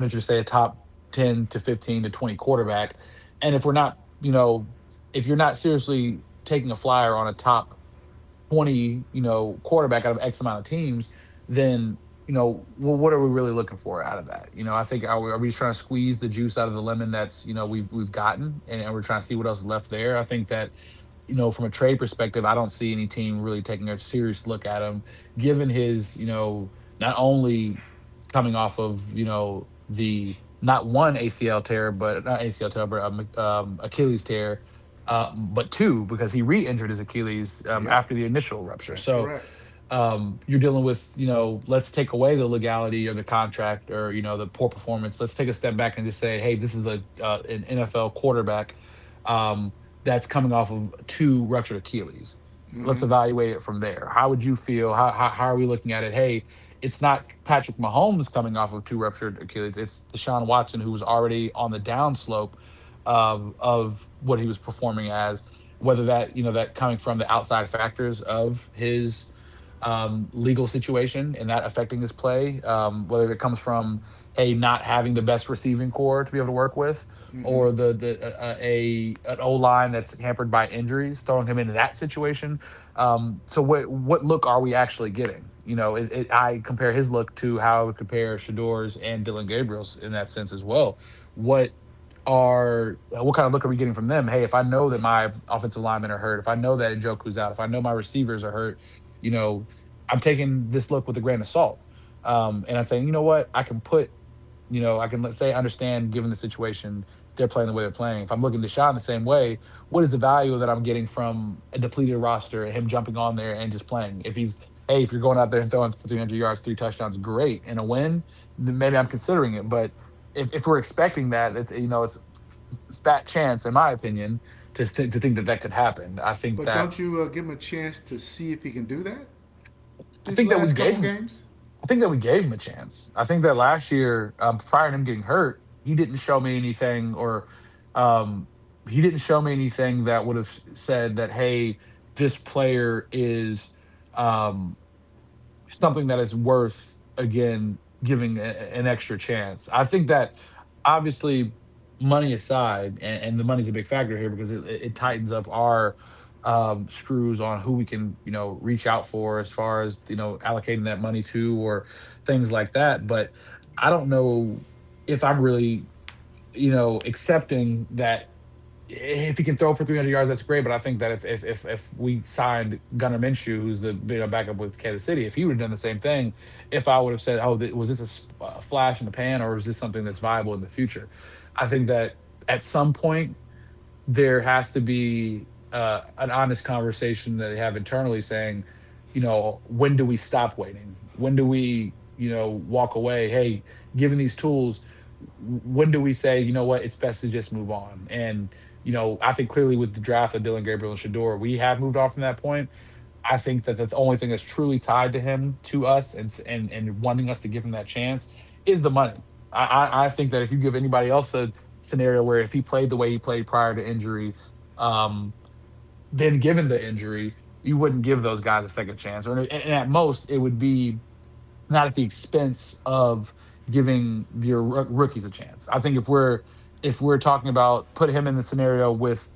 [SPEAKER 2] venture to say a top 10 to 15 to 20 quarterback. And if we're not, you know, if you're not seriously taking a flyer on a top 20, you know, quarterback out of X amount of teams, then, you know, well, what are we really looking for out of that? You know, I think are we just trying to squeeze the juice out of the lemon that's, you know, we've gotten and we're trying to see what else is left there. I think that, you know, from a trade perspective, I don't see any team really taking a serious look at him, given his, you know, not only coming off of, you know, the not one ACL tear, but not ACL tear, but Achilles tear, but two because he re-injured his Achilles
[SPEAKER 1] Yep,
[SPEAKER 2] after the initial rupture.
[SPEAKER 1] that's
[SPEAKER 2] So
[SPEAKER 1] correct.
[SPEAKER 2] you're dealing with, you know, let's take away the legality or the contract or, you know, the poor performance. Let's take a step back and just say, hey, this is a an NFL quarterback um, that's coming off of two ruptured Achilles. Let's
[SPEAKER 1] Mm-hmm.
[SPEAKER 2] evaluate it from there. How would you feel? How are we looking at it? Hey, it's not Patrick Mahomes coming off of two ruptured Achilles. It's Deshaun Watson, who was already on the downslope of what he was performing as. Whether that you know that coming from the outside factors of his legal situation and that affecting his play, whether it comes from hey not having the best receiving core to be able to work with,
[SPEAKER 1] Mm-hmm.
[SPEAKER 2] or the a an O line that's hampered by injuries, throwing him into that situation. So what look are we actually getting? You know, I compare his look to how I would compare Shador's and Dylan Gabriel's in that sense as well. What are what kind of look are we getting from them? Hey, if I know that my offensive linemen are hurt, if I know that Njoku's out, if I know my receivers are hurt, you know, I'm taking this look with a grain of salt. And I'm saying, you know what, I can put, you know, I can let's say understand given the situation they're playing the way they're playing. If I'm looking to shot the same way, what is the value that I'm getting from a depleted roster and him jumping on there and just playing? If he's hey, if you're going out there and throwing for 300 yards, three touchdowns, great, and a win, then maybe I'm considering it. But if we're expecting that, it's you know it's that chance, in my opinion, to think that that could happen.
[SPEAKER 1] But don't you give him a chance to see if he can do that
[SPEAKER 2] I
[SPEAKER 1] these
[SPEAKER 2] think that we
[SPEAKER 1] last
[SPEAKER 2] gave
[SPEAKER 1] couple
[SPEAKER 2] him.
[SPEAKER 1] games?
[SPEAKER 2] I think that we gave him a chance. I think that last year, prior to him getting hurt, he didn't show me anything, or um, he didn't show me anything that would have said that, hey, this player is. Um, something that is worth again giving an extra chance. I think that obviously money aside, and the money's a big factor here because it tightens up our screws on who we can you know reach out for as far as you know allocating that money to or things like that. But I don't know if I'm really you know accepting that if he can throw for 300 yards, that's great. But I think that if we signed Gunnar Minshew, who's the you know, backup with Kansas City, if he would have done the same thing, if I would have said, "Oh, was this a flash in the pan, or is this something that's viable in the future?" I think that at some point there has to be an honest conversation that they have internally saying, you know, when do we stop waiting? When do we, you know, walk away? Hey, given these tools, when do we say, you know what, it's best to just move on? And, you know, I think clearly with the draft of Dylan Gabriel and Shador, we have moved on from that point. I think that the only thing that's truly tied to him, to us, and and wanting us to give him that chance is the money. I think that if you give anybody else a scenario where if he played the way he played prior to injury, um, then given the injury, you wouldn't give those guys a second chance, or and at most it would be not at the expense of giving your rookies a chance. I think if we're talking about put him in the scenario with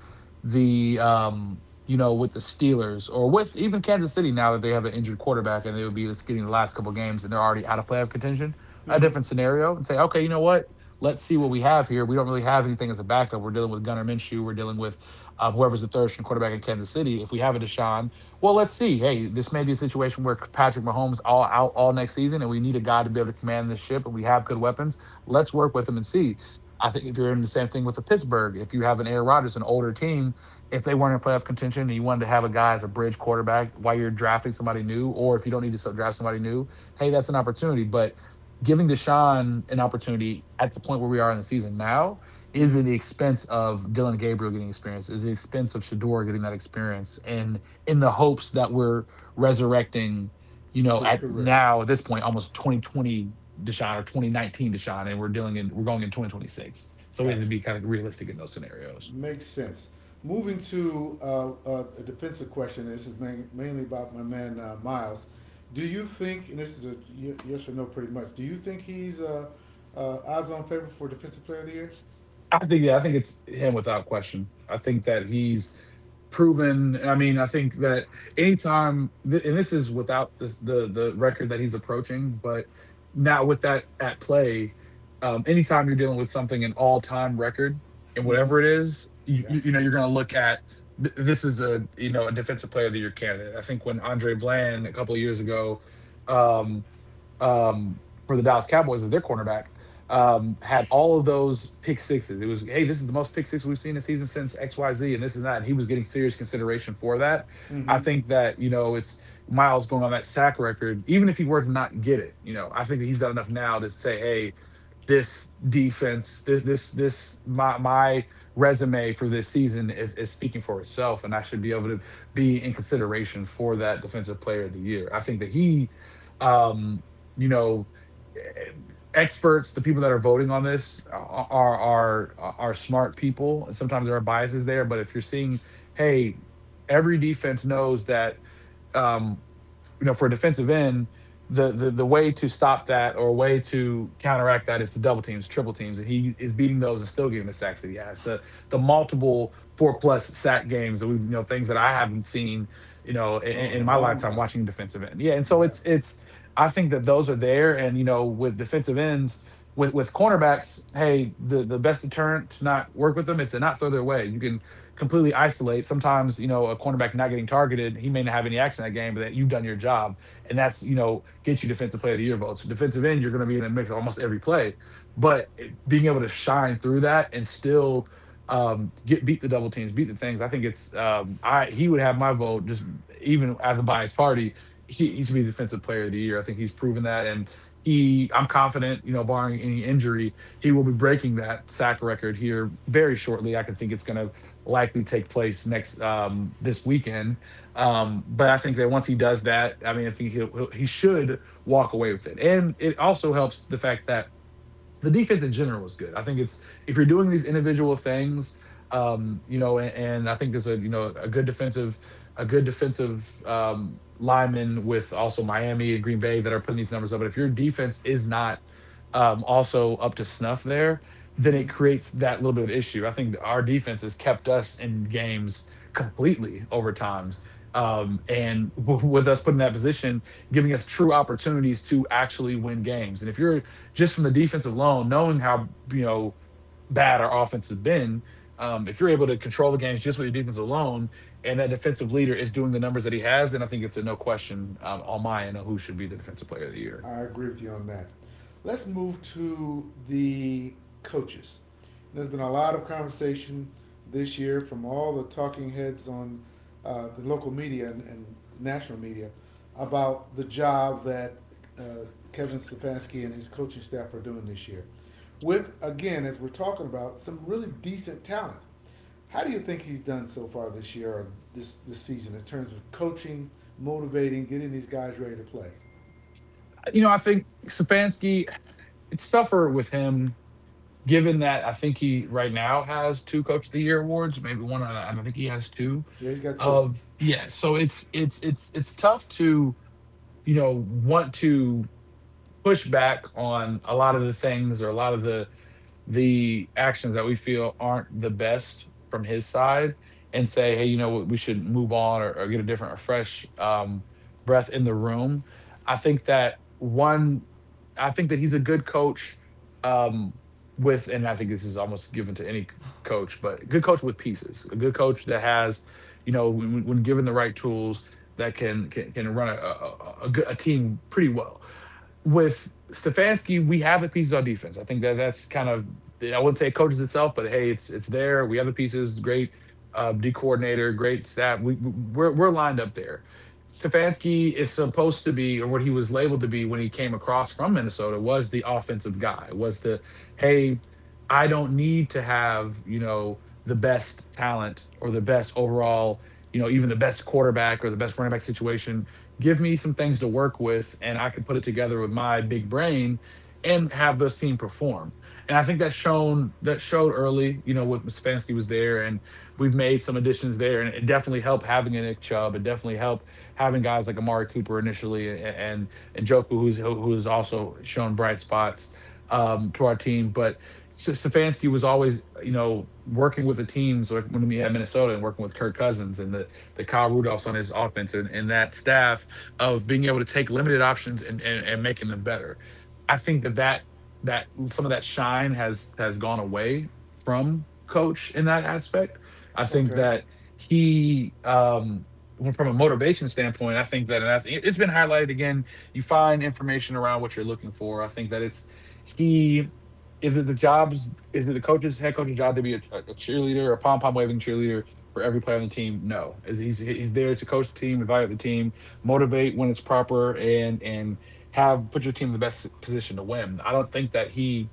[SPEAKER 2] the with the Steelers or with even Kansas City now that they have an injured quarterback and they would be just getting the last couple games and they're already out of playoff contention, a
[SPEAKER 1] Mm-hmm.
[SPEAKER 2] different scenario and say, okay, you know what? Let's see what we have here. We don't really have anything as a backup. We're dealing with Gunnar Minshew. We're dealing with whoever's the third string quarterback in Kansas City. If we have a Deshaun, well, let's see. Hey, this may be a situation where Patrick Mahomes all out all next season, and we need a guy to be able to command this ship, and we have good weapons. Let's work with him and see. I think if you're in the same thing with the Pittsburgh, if you have an Aaron Rodgers, an older team, if they weren't in playoff contention and you wanted to have a guy as a bridge quarterback while you're drafting somebody new, or if you don't need to draft somebody new, hey, that's an opportunity. But giving Deshaun an opportunity at the point where we are in the season now is
[SPEAKER 1] Mm-hmm.
[SPEAKER 2] at the expense of Dylan Gabriel getting experience, is the expense of Shador getting that experience. And in the hopes that we're resurrecting, you know,
[SPEAKER 1] His
[SPEAKER 2] at
[SPEAKER 1] career.
[SPEAKER 2] now at this point, almost 2020 Deshaun or 2019 Deshaun, and we're going in 2026. So we need to
[SPEAKER 1] Gotcha.
[SPEAKER 2] be kind of realistic in those scenarios.
[SPEAKER 1] Makes sense. Moving to a defensive question. This is mainly about my man Miles. Do you think, and this is a yes or no, pretty much. Do you think he's odds-on favorite for defensive player of the year?
[SPEAKER 2] I think yeah, I think it's him without question. I think that he's proven. I mean, I think that anytime, and this is without this, the record that he's approaching, but now with that at play. Anytime you're dealing with something an all time record and
[SPEAKER 1] Mm-hmm.
[SPEAKER 2] whatever it is,
[SPEAKER 1] Yeah.
[SPEAKER 2] you know you're going to look at this is a you know a defensive player of the year candidate. I think when Andre Bland a couple of years ago. Um, um, for the Dallas Cowboys as their cornerback, had all of those pick sixes. It was, hey, this is the most pick six we've seen this season since XYZ, and this and that. And he was getting serious consideration for that. I
[SPEAKER 1] Mm-hmm.
[SPEAKER 2] think that, you know, it's Miles going on that sack record, even if he were to not get it, you know, I think that he's done enough now to say, hey, this defense, this my resume for this season is speaking for itself, and I should be able to be in consideration for that defensive player of the year. I think that he, um, you know, eh, experts, the people that are voting on this are smart people. And sometimes there are biases there, but if you're seeing, hey, every defense knows that. um, you know, for a defensive end, the way to stop that or a way to counteract that is to double teams, triple teams, and he is beating those and still getting the sacks that he has. The multiple four plus sack games that we you know things that I haven't seen you know in,
[SPEAKER 1] Oh, in a
[SPEAKER 2] in my
[SPEAKER 1] long
[SPEAKER 2] lifetime
[SPEAKER 1] time.
[SPEAKER 2] watching defensive end. Yeah, and so
[SPEAKER 1] Yeah.
[SPEAKER 2] it's I think that those are there, and you know with defensive ends. With cornerbacks, hey, the best deterrent to not work with them is to not throw their way. You can completely isolate. Sometimes, you know, a cornerback not getting targeted, he may not have any action that game, but that you've done your job. And that's, you know, get you defensive player of the year votes. So defensive end, you're going to be in a mix almost every play. But being able to shine through that and still get beat the double teams, beat the things. I think it's I he would have my vote just even as a biased party. He should be defensive player of the year. I think he's proven that and he I'm confident, you know, barring any injury, he will be breaking that sack record here very shortly. I can think it's going to likely take place next this weekend. But I think that once he does that, I mean, I think he should walk away with it. And it also helps the fact that the defense in general is good. I think it's if you're doing these individual things, and I think there's a you know a good defensive lineman with also Miami and Green Bay that are putting these numbers up. But if your defense is not also up to snuff there, then
[SPEAKER 1] Mm-hmm.
[SPEAKER 2] it creates that little bit of issue. I think our defense has kept us in games completely over times. And *laughs* with us put in that position, giving us true opportunities to actually win games. And if you're just from the defense alone, knowing how you know bad our offense has been, if you're able to control the games just with your defense alone, and that defensive leader is doing the numbers that he has, then I think it's a no question on my end of who should be the defensive player of the year.
[SPEAKER 1] I agree with you on that. Let's move to the coaches. There's been a lot of conversation this year from all the talking heads on the local media and national media about the job that uh, Kevin Stefanski and his coaching staff are doing this year. With, again, as we're talking about, some really decent talent. How do you think he's done so far this year or this season in terms of coaching, motivating, getting these guys ready to play?
[SPEAKER 2] You know, I think Stefanski, it's tougher with him. Given that I think he right now has two Coach of the Year awards, maybe one, I don't think he has two.
[SPEAKER 1] Yeah, he's got two.
[SPEAKER 2] Of yeah, so it's tough to you know want to pushback on a lot of the things or a lot of the actions that we feel aren't the best from his side and say hey you know what we should move on or get a different or fresh breath in the room. I think that one, I think that he's a good coach, um, with and I think this is almost given to any coach but a good coach with pieces a good coach that has you know when given the right tools that can run a team pretty well. With Stefanski, we have the pieces on defense. I think that that's kind of I wouldn't say it coaches itself, but hey, it's there. We have the pieces. Great D coordinator, great staff. We're lined up there. Stefanski is supposed to be, or what he was labeled to be when he came across from Minnesota, was the offensive guy. Was the hey, I don't need to have you know the best talent or the best overall, you know, even the best quarterback or the best running back situation. Give me some things to work with and I can put it together with my big brain and have this team perform. And I think that's shown that showed early, you know, with Stefanski was there and we've made some additions there. And it definitely helped having a Nick Chubb. It definitely helped having guys like Amari Cooper initially and and Joku who's who has also shown bright spots to our team. But Stefanski was always, you know, working with the teams like when we had Minnesota and working with Kirk Cousins and the Kyle Rudolphs on his offense and that staff of being able to take limited options and making them better. I think that that some of that shine has gone away from coach in that aspect. I think
[SPEAKER 1] Okay.
[SPEAKER 2] that he from a motivation standpoint, I think that and I think it's been highlighted again. You find information around what you're looking for. I think that it's he is it the jobs is it the coach's head coach's job to be a cheerleader, a pom pom waving cheerleader for every player on the team? No, is he's there to coach the team, evaluate the team, motivate when it's proper, and have put your team in the best position to win. I don't think that he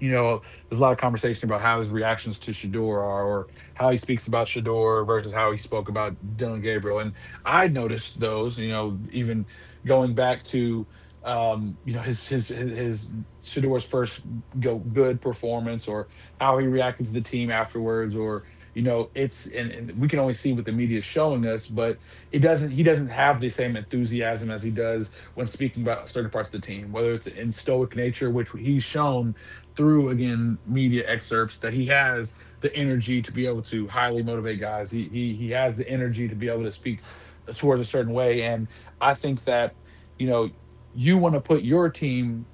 [SPEAKER 2] you know, there's a lot of conversation about how his reactions to Shador are, or how he speaks about Shador versus how he spoke about Dylan Gabriel. And I noticed those, you know, even going back to, you know, his Shador's first go good performance, or how he reacted to the team afterwards, or you know, it's and we can only see what the media is showing us, but it doesn't. He doesn't have the same enthusiasm as he does when speaking about certain parts of the team, whether it's in stoic nature, which he's shown through again media excerpts that he has the energy to be able to highly motivate guys. He has the energy to be able to speak towards a certain way, and I think that you know you want to put your team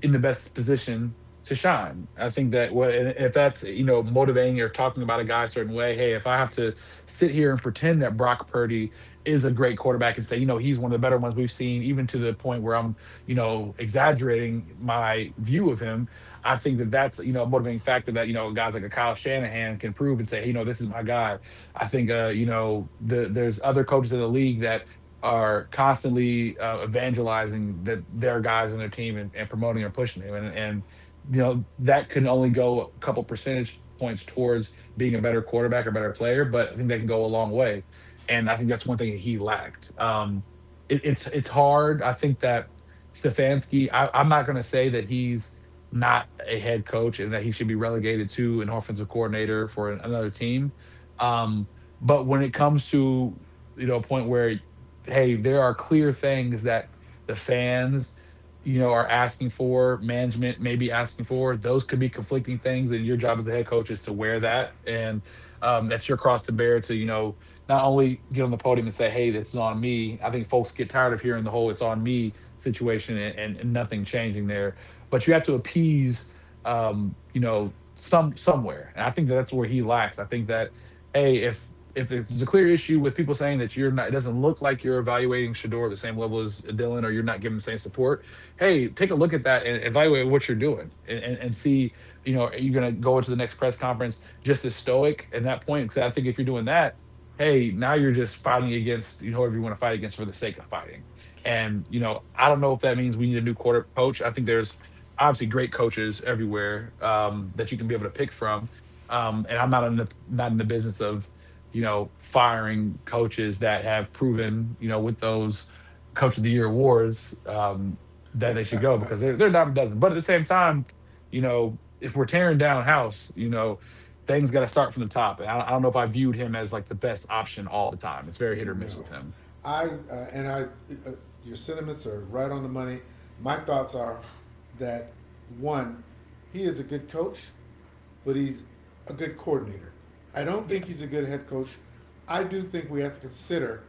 [SPEAKER 2] in the best position to shine. I think that what if that's you know motivating or talking about a guy a certain way, hey, if I have to sit here and pretend that Brock Purdy is a great quarterback and say, you know, he's one of the better ones we've seen, even to the point where I'm, you know, exaggerating my view of him, I think that that's you know a motivating factor that you know guys like a Kyle Shanahan can prove and say, hey, you know, this is my guy. I think you know the, there's other coaches in the league that are constantly evangelizing that their guys on their team and promoting or pushing them. And you know that can only go a couple percentage points towards being a better quarterback or better player, but I think that can go a long way. And I think that's one thing that he lacked. It's hard. I think that Stefanski. I'm not going to say that he's not a head coach and that he should be relegated to an offensive coordinator for another team. Um, but when it comes to you know a point where hey, there are clear things that the fans, you know, are asking for, management may be asking for. Those could be conflicting things, and your job as the head coach is to wear that, and that's your cross to bear. To you know, not only get on the podium and say, "Hey, this is on me." I think folks get tired of hearing the whole "it's on me" situation and nothing changing there. But you have to appease, you know, somewhere, and I think that's where he lacks. I think that. Hey, if there's a clear issue with people saying that you're not, it doesn't look like you're evaluating Shador at the same level as Dylan, or you're not giving the same support. Hey, take a look at that and evaluate what you're doing, and see, you know, are you going to go into the next press conference just as stoic at that point? Because I think if you're doing that, hey, now you're just fighting against you know whoever you want to fight against for the sake of fighting. And you know, I don't know if that means we need a new quarter coach. I think there's obviously great coaches everywhere that you can be able to pick from and I'm not in the business of firing coaches that have proven, you know, with those coach of the year awards that they should go because they're a dime a dozen. But at the same time, you know, if we're tearing down house, you know, things got to start from the top. And I don't know if I viewed him as like the best option all the time. It's very hit or
[SPEAKER 1] No.
[SPEAKER 2] miss with him.
[SPEAKER 1] I, uh, and I, uh, your sentiments are right on the money. My thoughts are that, one, he is a good coach, but he's a good coordinator. I don't
[SPEAKER 2] Yeah.
[SPEAKER 1] think he's a good head coach. I do think we have to consider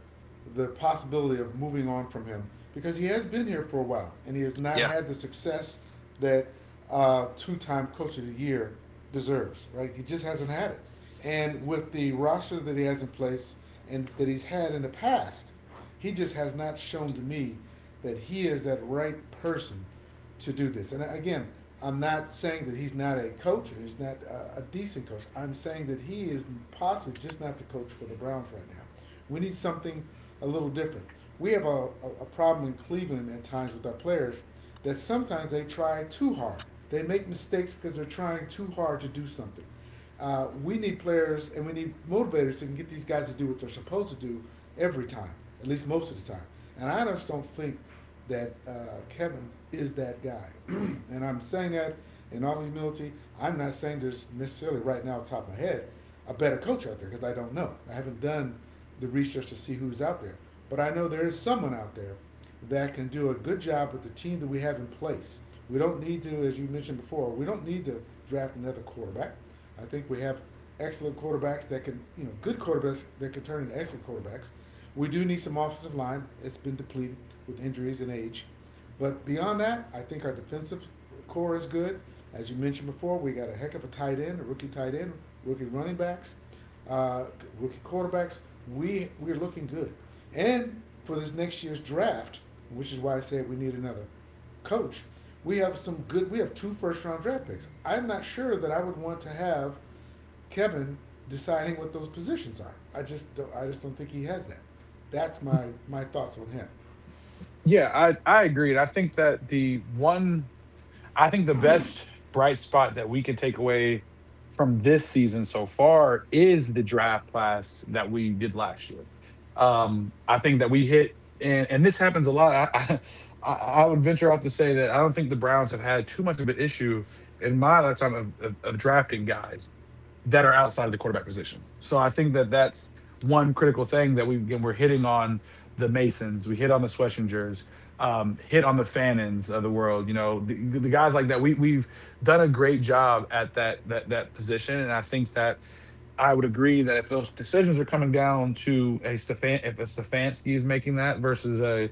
[SPEAKER 1] the possibility of moving on from him because he has been here for a while and he has not
[SPEAKER 2] Yeah.
[SPEAKER 1] had the success that two-time coach of the year deserves. Right, he just hasn't had it. And with the roster that he has in place and that he's had in the past, he just has not shown to me that he is that right person to do this. And again, I'm not saying that he's not a coach or he's not a decent coach. I'm saying that he is possibly just not the coach for the Browns right now. We need something a little different. We have a problem in Cleveland at times with our players that sometimes they try too hard. They make mistakes because they're trying too hard to do something. We need players and we need motivators that can get these guys to do what they're supposed to do every time, at least most of the time. And I just don't think that Kevin is that guy. *clears throat* And I'm saying that in all humility. I'm not saying there's necessarily right now, off the top of my head, a better coach out there because I don't know. I haven't done the research to see who's out there. But I know there is someone out there that can do a good job with the team that we have in place. We don't need to, As you mentioned before, we don't need to draft another quarterback. I think we have excellent quarterbacks that can, you know, good quarterbacks that can turn into excellent quarterbacks. We do need some offensive line. It's been depleted with injuries and age. But beyond that, I think our defensive core is good. As you mentioned before, we got a heck of a tight end, a rookie tight end, rookie running backs uh, rookie quarterbacks, we're looking good. And for this next year's draft, which is why I said we need another coach, we have some good. We have two first round draft picks. I'm not sure that I would want to have Kevin deciding what those positions are. I just don't think he has that. That's my thoughts on him.
[SPEAKER 2] Yeah, I agree. And I think that the one I think the best bright spot that we can take away from this season so far is the draft class that we did last year. I think that we hit, and this happens a lot. I, I would venture off to say that I don't think the Browns have had too much of an issue in my lifetime of drafting guys that are outside of the quarterback position. So I think that that's one critical thing that we again we're hitting on the Masons, we hit on the Schwessingers, hit on the Fannons of the world. You know, the guys like that. We we've done a great job at that that position, and I think that. I would agree that if those decisions are coming down to a Stefan, if a Stefanski is making that versus a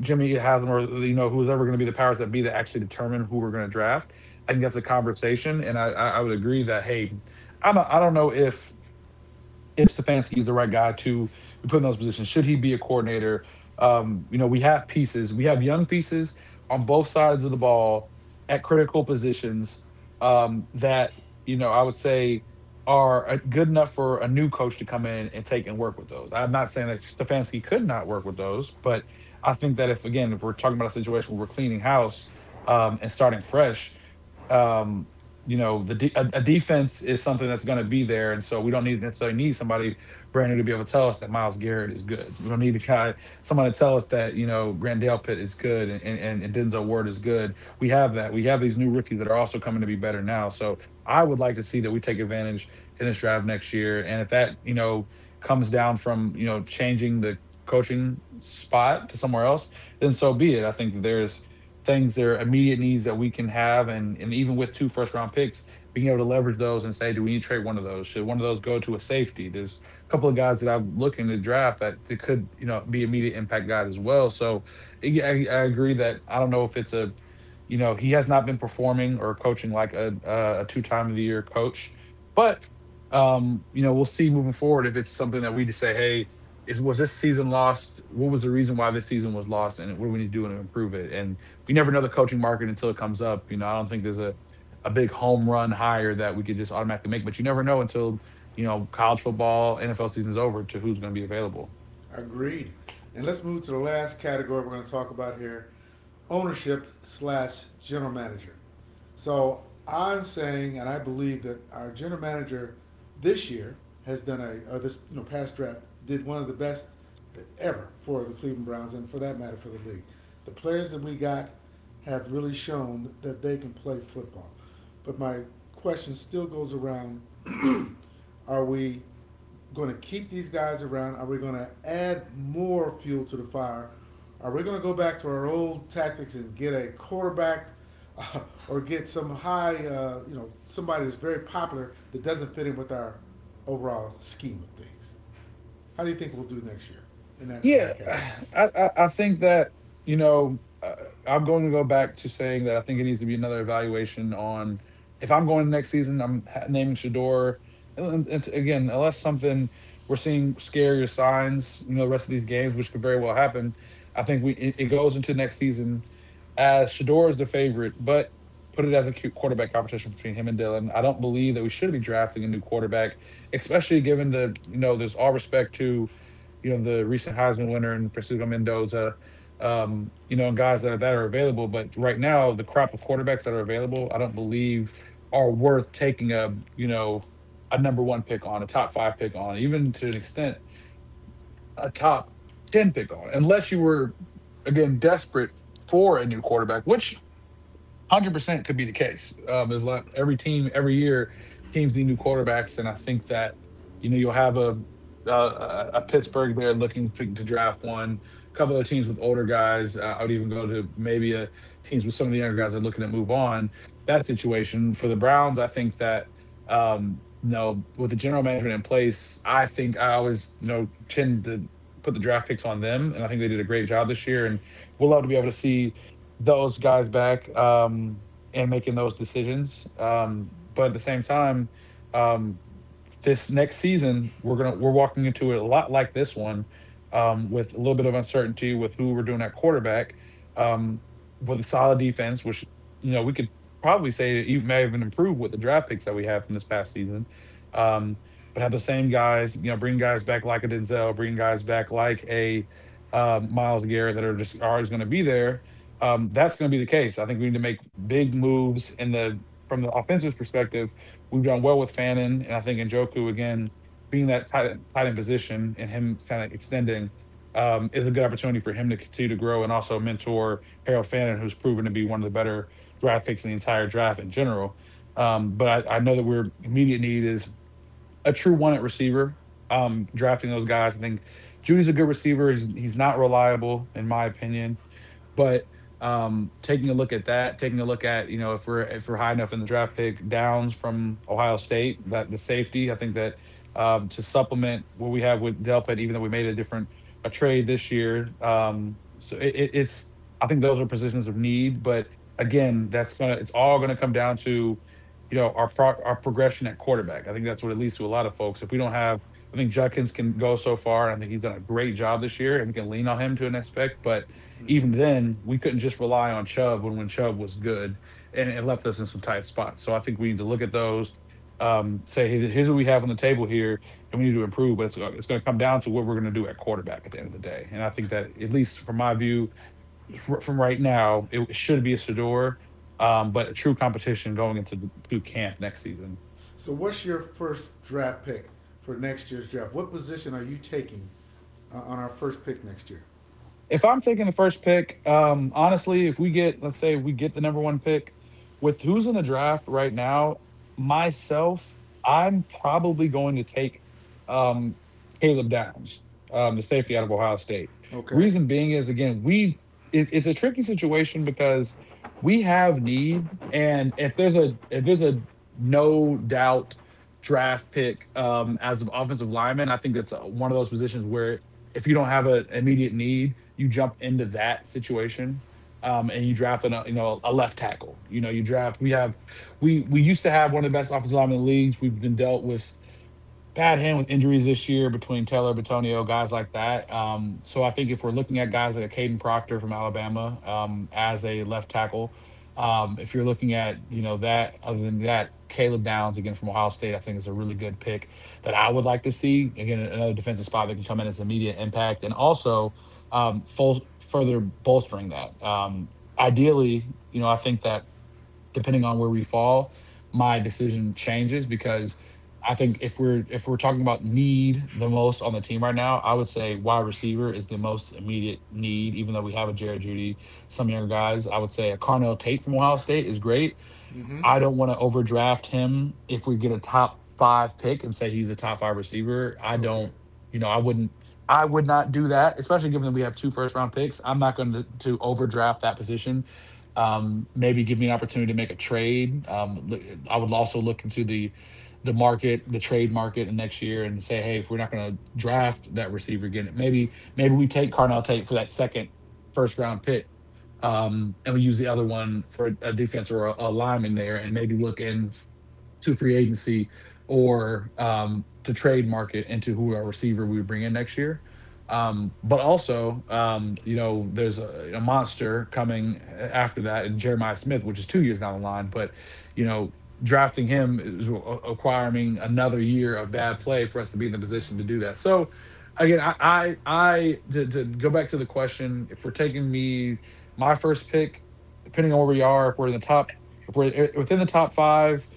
[SPEAKER 2] Jimmy Haslam or you know who's ever going to be the powers that be that actually determine who we're going to draft, I think that's a conversation, and I would agree that hey, I am not I don't know if Stefanski is the right guy to be put in those positions. Should he be a coordinator? You know, we have pieces. We have young pieces on both sides of the ball at critical positions that you know I would say are good enough for a new coach to come in and take and work with those. I'm not saying that Stefanski could not work with those, but I think that if again if we're talking about a situation where we're cleaning house and starting fresh. um, you know a defense is something that's going to be there, and so we don't need somebody brand new to be able to tell us that Miles Garrett is good. We don't need to kind of, somebody to tell us that you know Grandale Pitt is good and Denzel Ward is good. We have that. We have these new rookies that are also coming to be better now. So I would like to see that we take advantage in this draft next year, and if that you know comes down from you know changing the coaching spot to somewhere else, then so be it. I think that there's things that are immediate needs that we can have. And Even with two first round picks, being able to leverage those and say, do we need to trade one of those? Should one of those go to a safety? There's a couple of guys that I'm looking to draft that could, you know, be immediate impact guys as well. So yeah, I agree that I don't know if it's a, you know, he has not been performing or coaching like a two time of the year coach, but you know, we'll see moving forward if it's something that we just say, hey, is was this season lost? What was the reason why this season was lost? And what do we need to do to improve it? And you never know the coaching market until it comes up. You know, I don't think there's a big home run hire that we could just automatically make, but you never know until you know college football, NFL season's over to who's going to be available.
[SPEAKER 1] Agreed. And let's move to the last category we're going to talk about here, ownership slash general manager. So I'm saying, and I believe that our general manager this year has done a, or this, you know, past draft, did one of the best ever for the Cleveland Browns and for that matter for the league. The players that we got have really shown that they can play football. But my question still goes around, *clears throat* are we going to keep these guys around? Are we going to add more fuel to the fire? Are we going to go back to our old tactics and get a quarterback uh, or get some high, you know, somebody that's very popular that doesn't fit in with our overall scheme of things? How do you think we'll do next year in
[SPEAKER 2] Yeah,
[SPEAKER 1] that
[SPEAKER 2] *sighs*
[SPEAKER 1] category?
[SPEAKER 2] I think that, you know, uh, I'm going to go back to saying that I think it needs to be another evaluation on if I'm going next season, I'm naming Shador. Again, unless something we're seeing scarier signs, you know, the rest of these games, which could very well happen, I think we it goes into next season as Shador is the favorite, but put it as a quarterback competition between him and Dylan. I don't believe that we should be drafting a new quarterback, especially given the, you know, there's all respect to you know, the recent Heisman winner and Francisco Mendoza, you know, and guys that are available. But right now, the crop of quarterbacks that are available, I don't believe are worth taking a, you know, a number one pick on, a top five pick on, even to an extent, a top 10 pick on, unless you were, again, desperate for a new quarterback, which 100% could be the case. There's a lot. Every team, every year, teams need new quarterbacks, and I think that you know you'll have a Pittsburgh there looking to draft one. A couple of teams with older guys. I would even go to maybe a teams with some of the younger guys that are looking to move on. That situation for the Browns, I think that. You know, with the general management in place, I think I always, you know, tend to put the draft picks on them, and I think they did a great job this year. And we'll love to be able to see those guys back and making those decisions. But at the same time, um, this next season we're walking into it a lot like this one, with a little bit of uncertainty with who we're doing at quarterback, um, with a solid defense, which you know we could probably say that you may even improve with the draft picks that we have from this past season. Um, but have the same guys, you know, bring guys back like a Denzel, bring guys back like a Miles Garrett that are just always going to be there that's going to be the case. I think we need to make big moves in the from the offensive perspective. We've done well with Fannin, and I think Njoku again being that tight end position and him kind of extending is a good opportunity for him to continue to grow and also mentor Harold Fannin, who's proven to be one of the better draft picks in the entire draft in general. But I know that we're immediate need is a true one at receiver. Drafting those guys, I think Judy's a good receiver. He's not reliable in my opinion. But taking a look at that, taking a look at you know if we're high enough in the draft pick, Downs from Ohio State, that the safety, I think that to supplement what we have with Delpit, even though we made a different a trade this year, so it's I think those are positions of need. But again, that's gonna it's all gonna come down to our progression at quarterback. I think that's what it leads to a lot of folks. If we don't have, I think Judkins can go so far, and I think he's done a great job this year, and we can lean on him to an aspect, but
[SPEAKER 1] Hmm.
[SPEAKER 2] even then, we couldn't just rely on Chubb when Chubb was good, and it left us in some tight spots. So I think we need to look at those, say, "Hey, here's what we have on the table here, and we need to improve." But it's it's going to come down to what we're going to do at quarterback at the end of the day. And I think that at least from my view, from right now, it should be a Sador, but a true competition going into the to camp next season.
[SPEAKER 1] So, what's your first draft pick for next year's draft? What position are you taking on our first pick next year?
[SPEAKER 2] If I'm taking the first pick, honestly, if we get, let's say we get the number one pick with who's in the draft right now, myself, I'm probably going to take um, Caleb Downs, the safety out of Ohio State.
[SPEAKER 1] Okay.
[SPEAKER 2] Reason being is, again, we, it's a tricky situation because we have need. And if there's a no doubt draft pick as an offensive lineman, I think that's one of those positions where if you don't have an immediate need, you jump into that situation, and you draft a left tackle. You know you draft. We have we used to have one of the best offensive linemen in the leagues. We've been dealt with Pat Hen with injuries this year between Taylor, Batonio, guys like that. So I think if we're looking at guys like a Caden Proctor from Alabama as a left tackle, if you're looking at that, other than that, Caleb Downs again from Ohio State, I think is a really good pick that I would like to see. Again, another defensive spot that can come in as immediate impact, and also further bolstering that. Ideally, you know, I think that depending on where we fall, my decision changes because I think if we're talking about need the most on the team right now, I would say wide receiver is the most immediate need. Even though we have a Jared Judy, some younger guys, I would say a Carnell Tate from Ohio State is great.
[SPEAKER 1] Mm-hmm.
[SPEAKER 2] I don't want to overdraft him if we get a top five pick and say he's a top five receiver. I
[SPEAKER 1] Okay.
[SPEAKER 2] don't, you know, I wouldn't, I would not do that, especially given that we have two first round picks. I'm not going to overdraft that position. Maybe give me an opportunity to make a trade. I would also look into the market, the trade market in next year and say, hey, if we're not going to draft that receiver again, maybe we take Carnell Tate for that second first round pick, and we use the other one for a defense or a lineman there, and maybe look in to free agency or to trade market into who our receiver we would bring in next year. But also, you know, there's a monster coming after that in Jeremiah Smith, which is 2 years down the line. But, you know, drafting him is acquiring another year of bad play for us to be in the position to do that. So, again, to go back to the question, if we're taking me my first pick, depending on where we are, if we're in the top, if we're within the top five,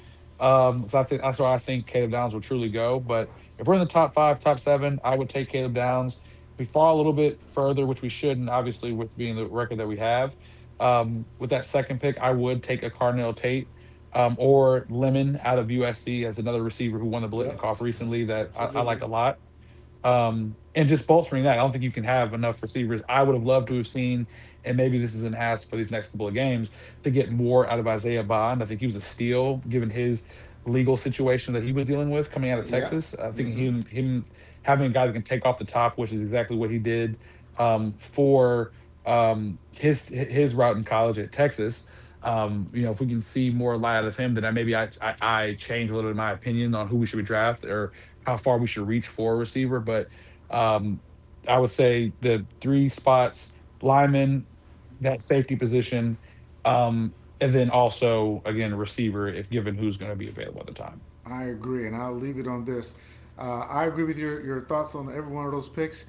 [SPEAKER 2] because I think that's where I think Caleb Downs will truly go. But if we're in the top five, top seven, I would take Caleb Downs. If we fall a little bit further, which we shouldn't, obviously, with being the record that we have, with that second pick, I would take a Cardinal Tate, or Lemon out of USC as another receiver who won the
[SPEAKER 1] Yep.
[SPEAKER 2] Blitnikoff
[SPEAKER 1] That's,
[SPEAKER 2] recently that
[SPEAKER 1] that's a
[SPEAKER 2] I
[SPEAKER 1] good one.
[SPEAKER 2] like a lot, and just bolstering that. I don't think you can have enough receivers. I would have loved to have seen, and maybe this is an ask for these next couple of games to get more out of Isaiah Bond. I think he was a steal given his legal situation that he was dealing with coming out of
[SPEAKER 1] Yep.
[SPEAKER 2] Texas. I think
[SPEAKER 1] Mm-hmm.
[SPEAKER 2] him having a guy that can take off the top, which is exactly what he did, for his route in college at Texas. You know, if we can see more light out of him, then I maybe I change a little bit of my opinion on who we should be draft or how far we should reach for a receiver. But um, I would say the three spots, lineman, that safety position, um, and then also again receiver, if given who's going to be available at the time.
[SPEAKER 1] I agree, and I'll leave it on this. I agree with your thoughts on every one of those picks.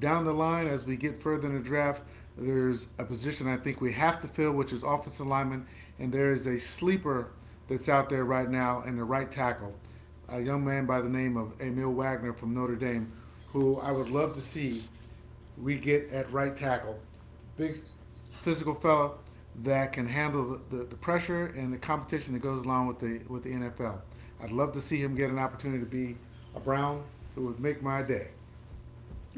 [SPEAKER 1] Down the line, as we get further in the draft, there's a position I think we have to fill, which is offensive lineman, and there is a sleeper that's out there right now in the right tackle, a young man by the name of Emil Wagner from Notre Dame, who I would love to see we get at right tackle. Big physical fella that can handle the pressure and the competition that goes along with the NFL. I'd love to see him get an opportunity to be a Brown. It would make my day.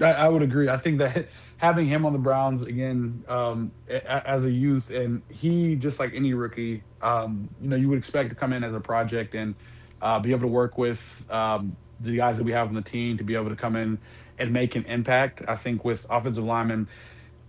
[SPEAKER 2] I would agree. I think that *laughs* having him on the Browns again, as a youth, and he just like any rookie, you know, you would expect to come in as a project and be able to work with the guys that we have on the team to be able to come in and make an impact. I think with offensive linemen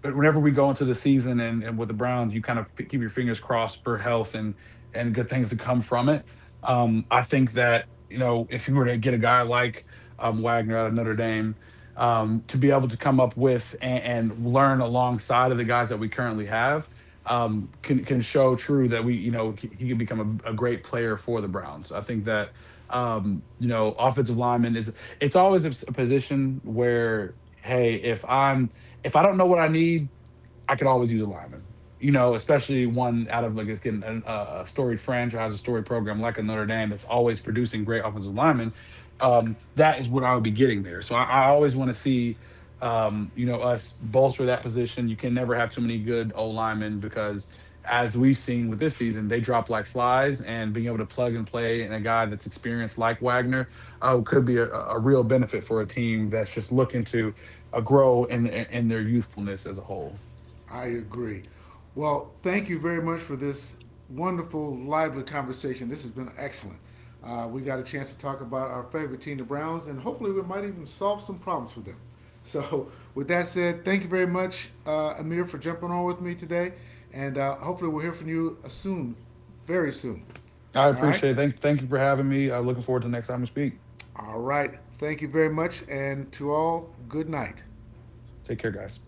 [SPEAKER 2] but whenever we go into the season and with the Browns, you kind of keep your fingers crossed for health and good things to come from it. I think that you know if you were to get a guy like Wagner out of Notre Dame to be able to come up with and learn alongside of the guys that we currently have, can show true that we you know he can become a great player for the Browns. I think that you know offensive lineman is it's always a position where hey if I'm if I don't know what I need I could always use a lineman. You know, especially one out of like it's getting a storied franchise, a storied program like a Notre Dame that's always producing great offensive linemen. That is what I would be getting there. So I always want to see, you know, us bolster that position. You can never have too many good O linemen because, as we've seen with this season, they drop like flies. And being able to plug and play and a guy that's experienced like Wagner could be a real benefit for a team that's just looking to grow in their youthfulness as a whole.
[SPEAKER 1] I agree. Well, thank you very much for this wonderful, lively conversation. This has been excellent. We got a chance to talk about our favorite team, the Browns, and hopefully we might even solve some problems for them. *laughs* So, with that said, thank you very much, Amir, for jumping on with me today. And hopefully we'll hear from you soon, very soon.
[SPEAKER 2] I
[SPEAKER 1] All right?
[SPEAKER 2] appreciate it. Thank you for having me. I'm looking forward to the next time we speak.
[SPEAKER 1] All right. Thank you very much. And to all, good night.
[SPEAKER 2] Take care, guys.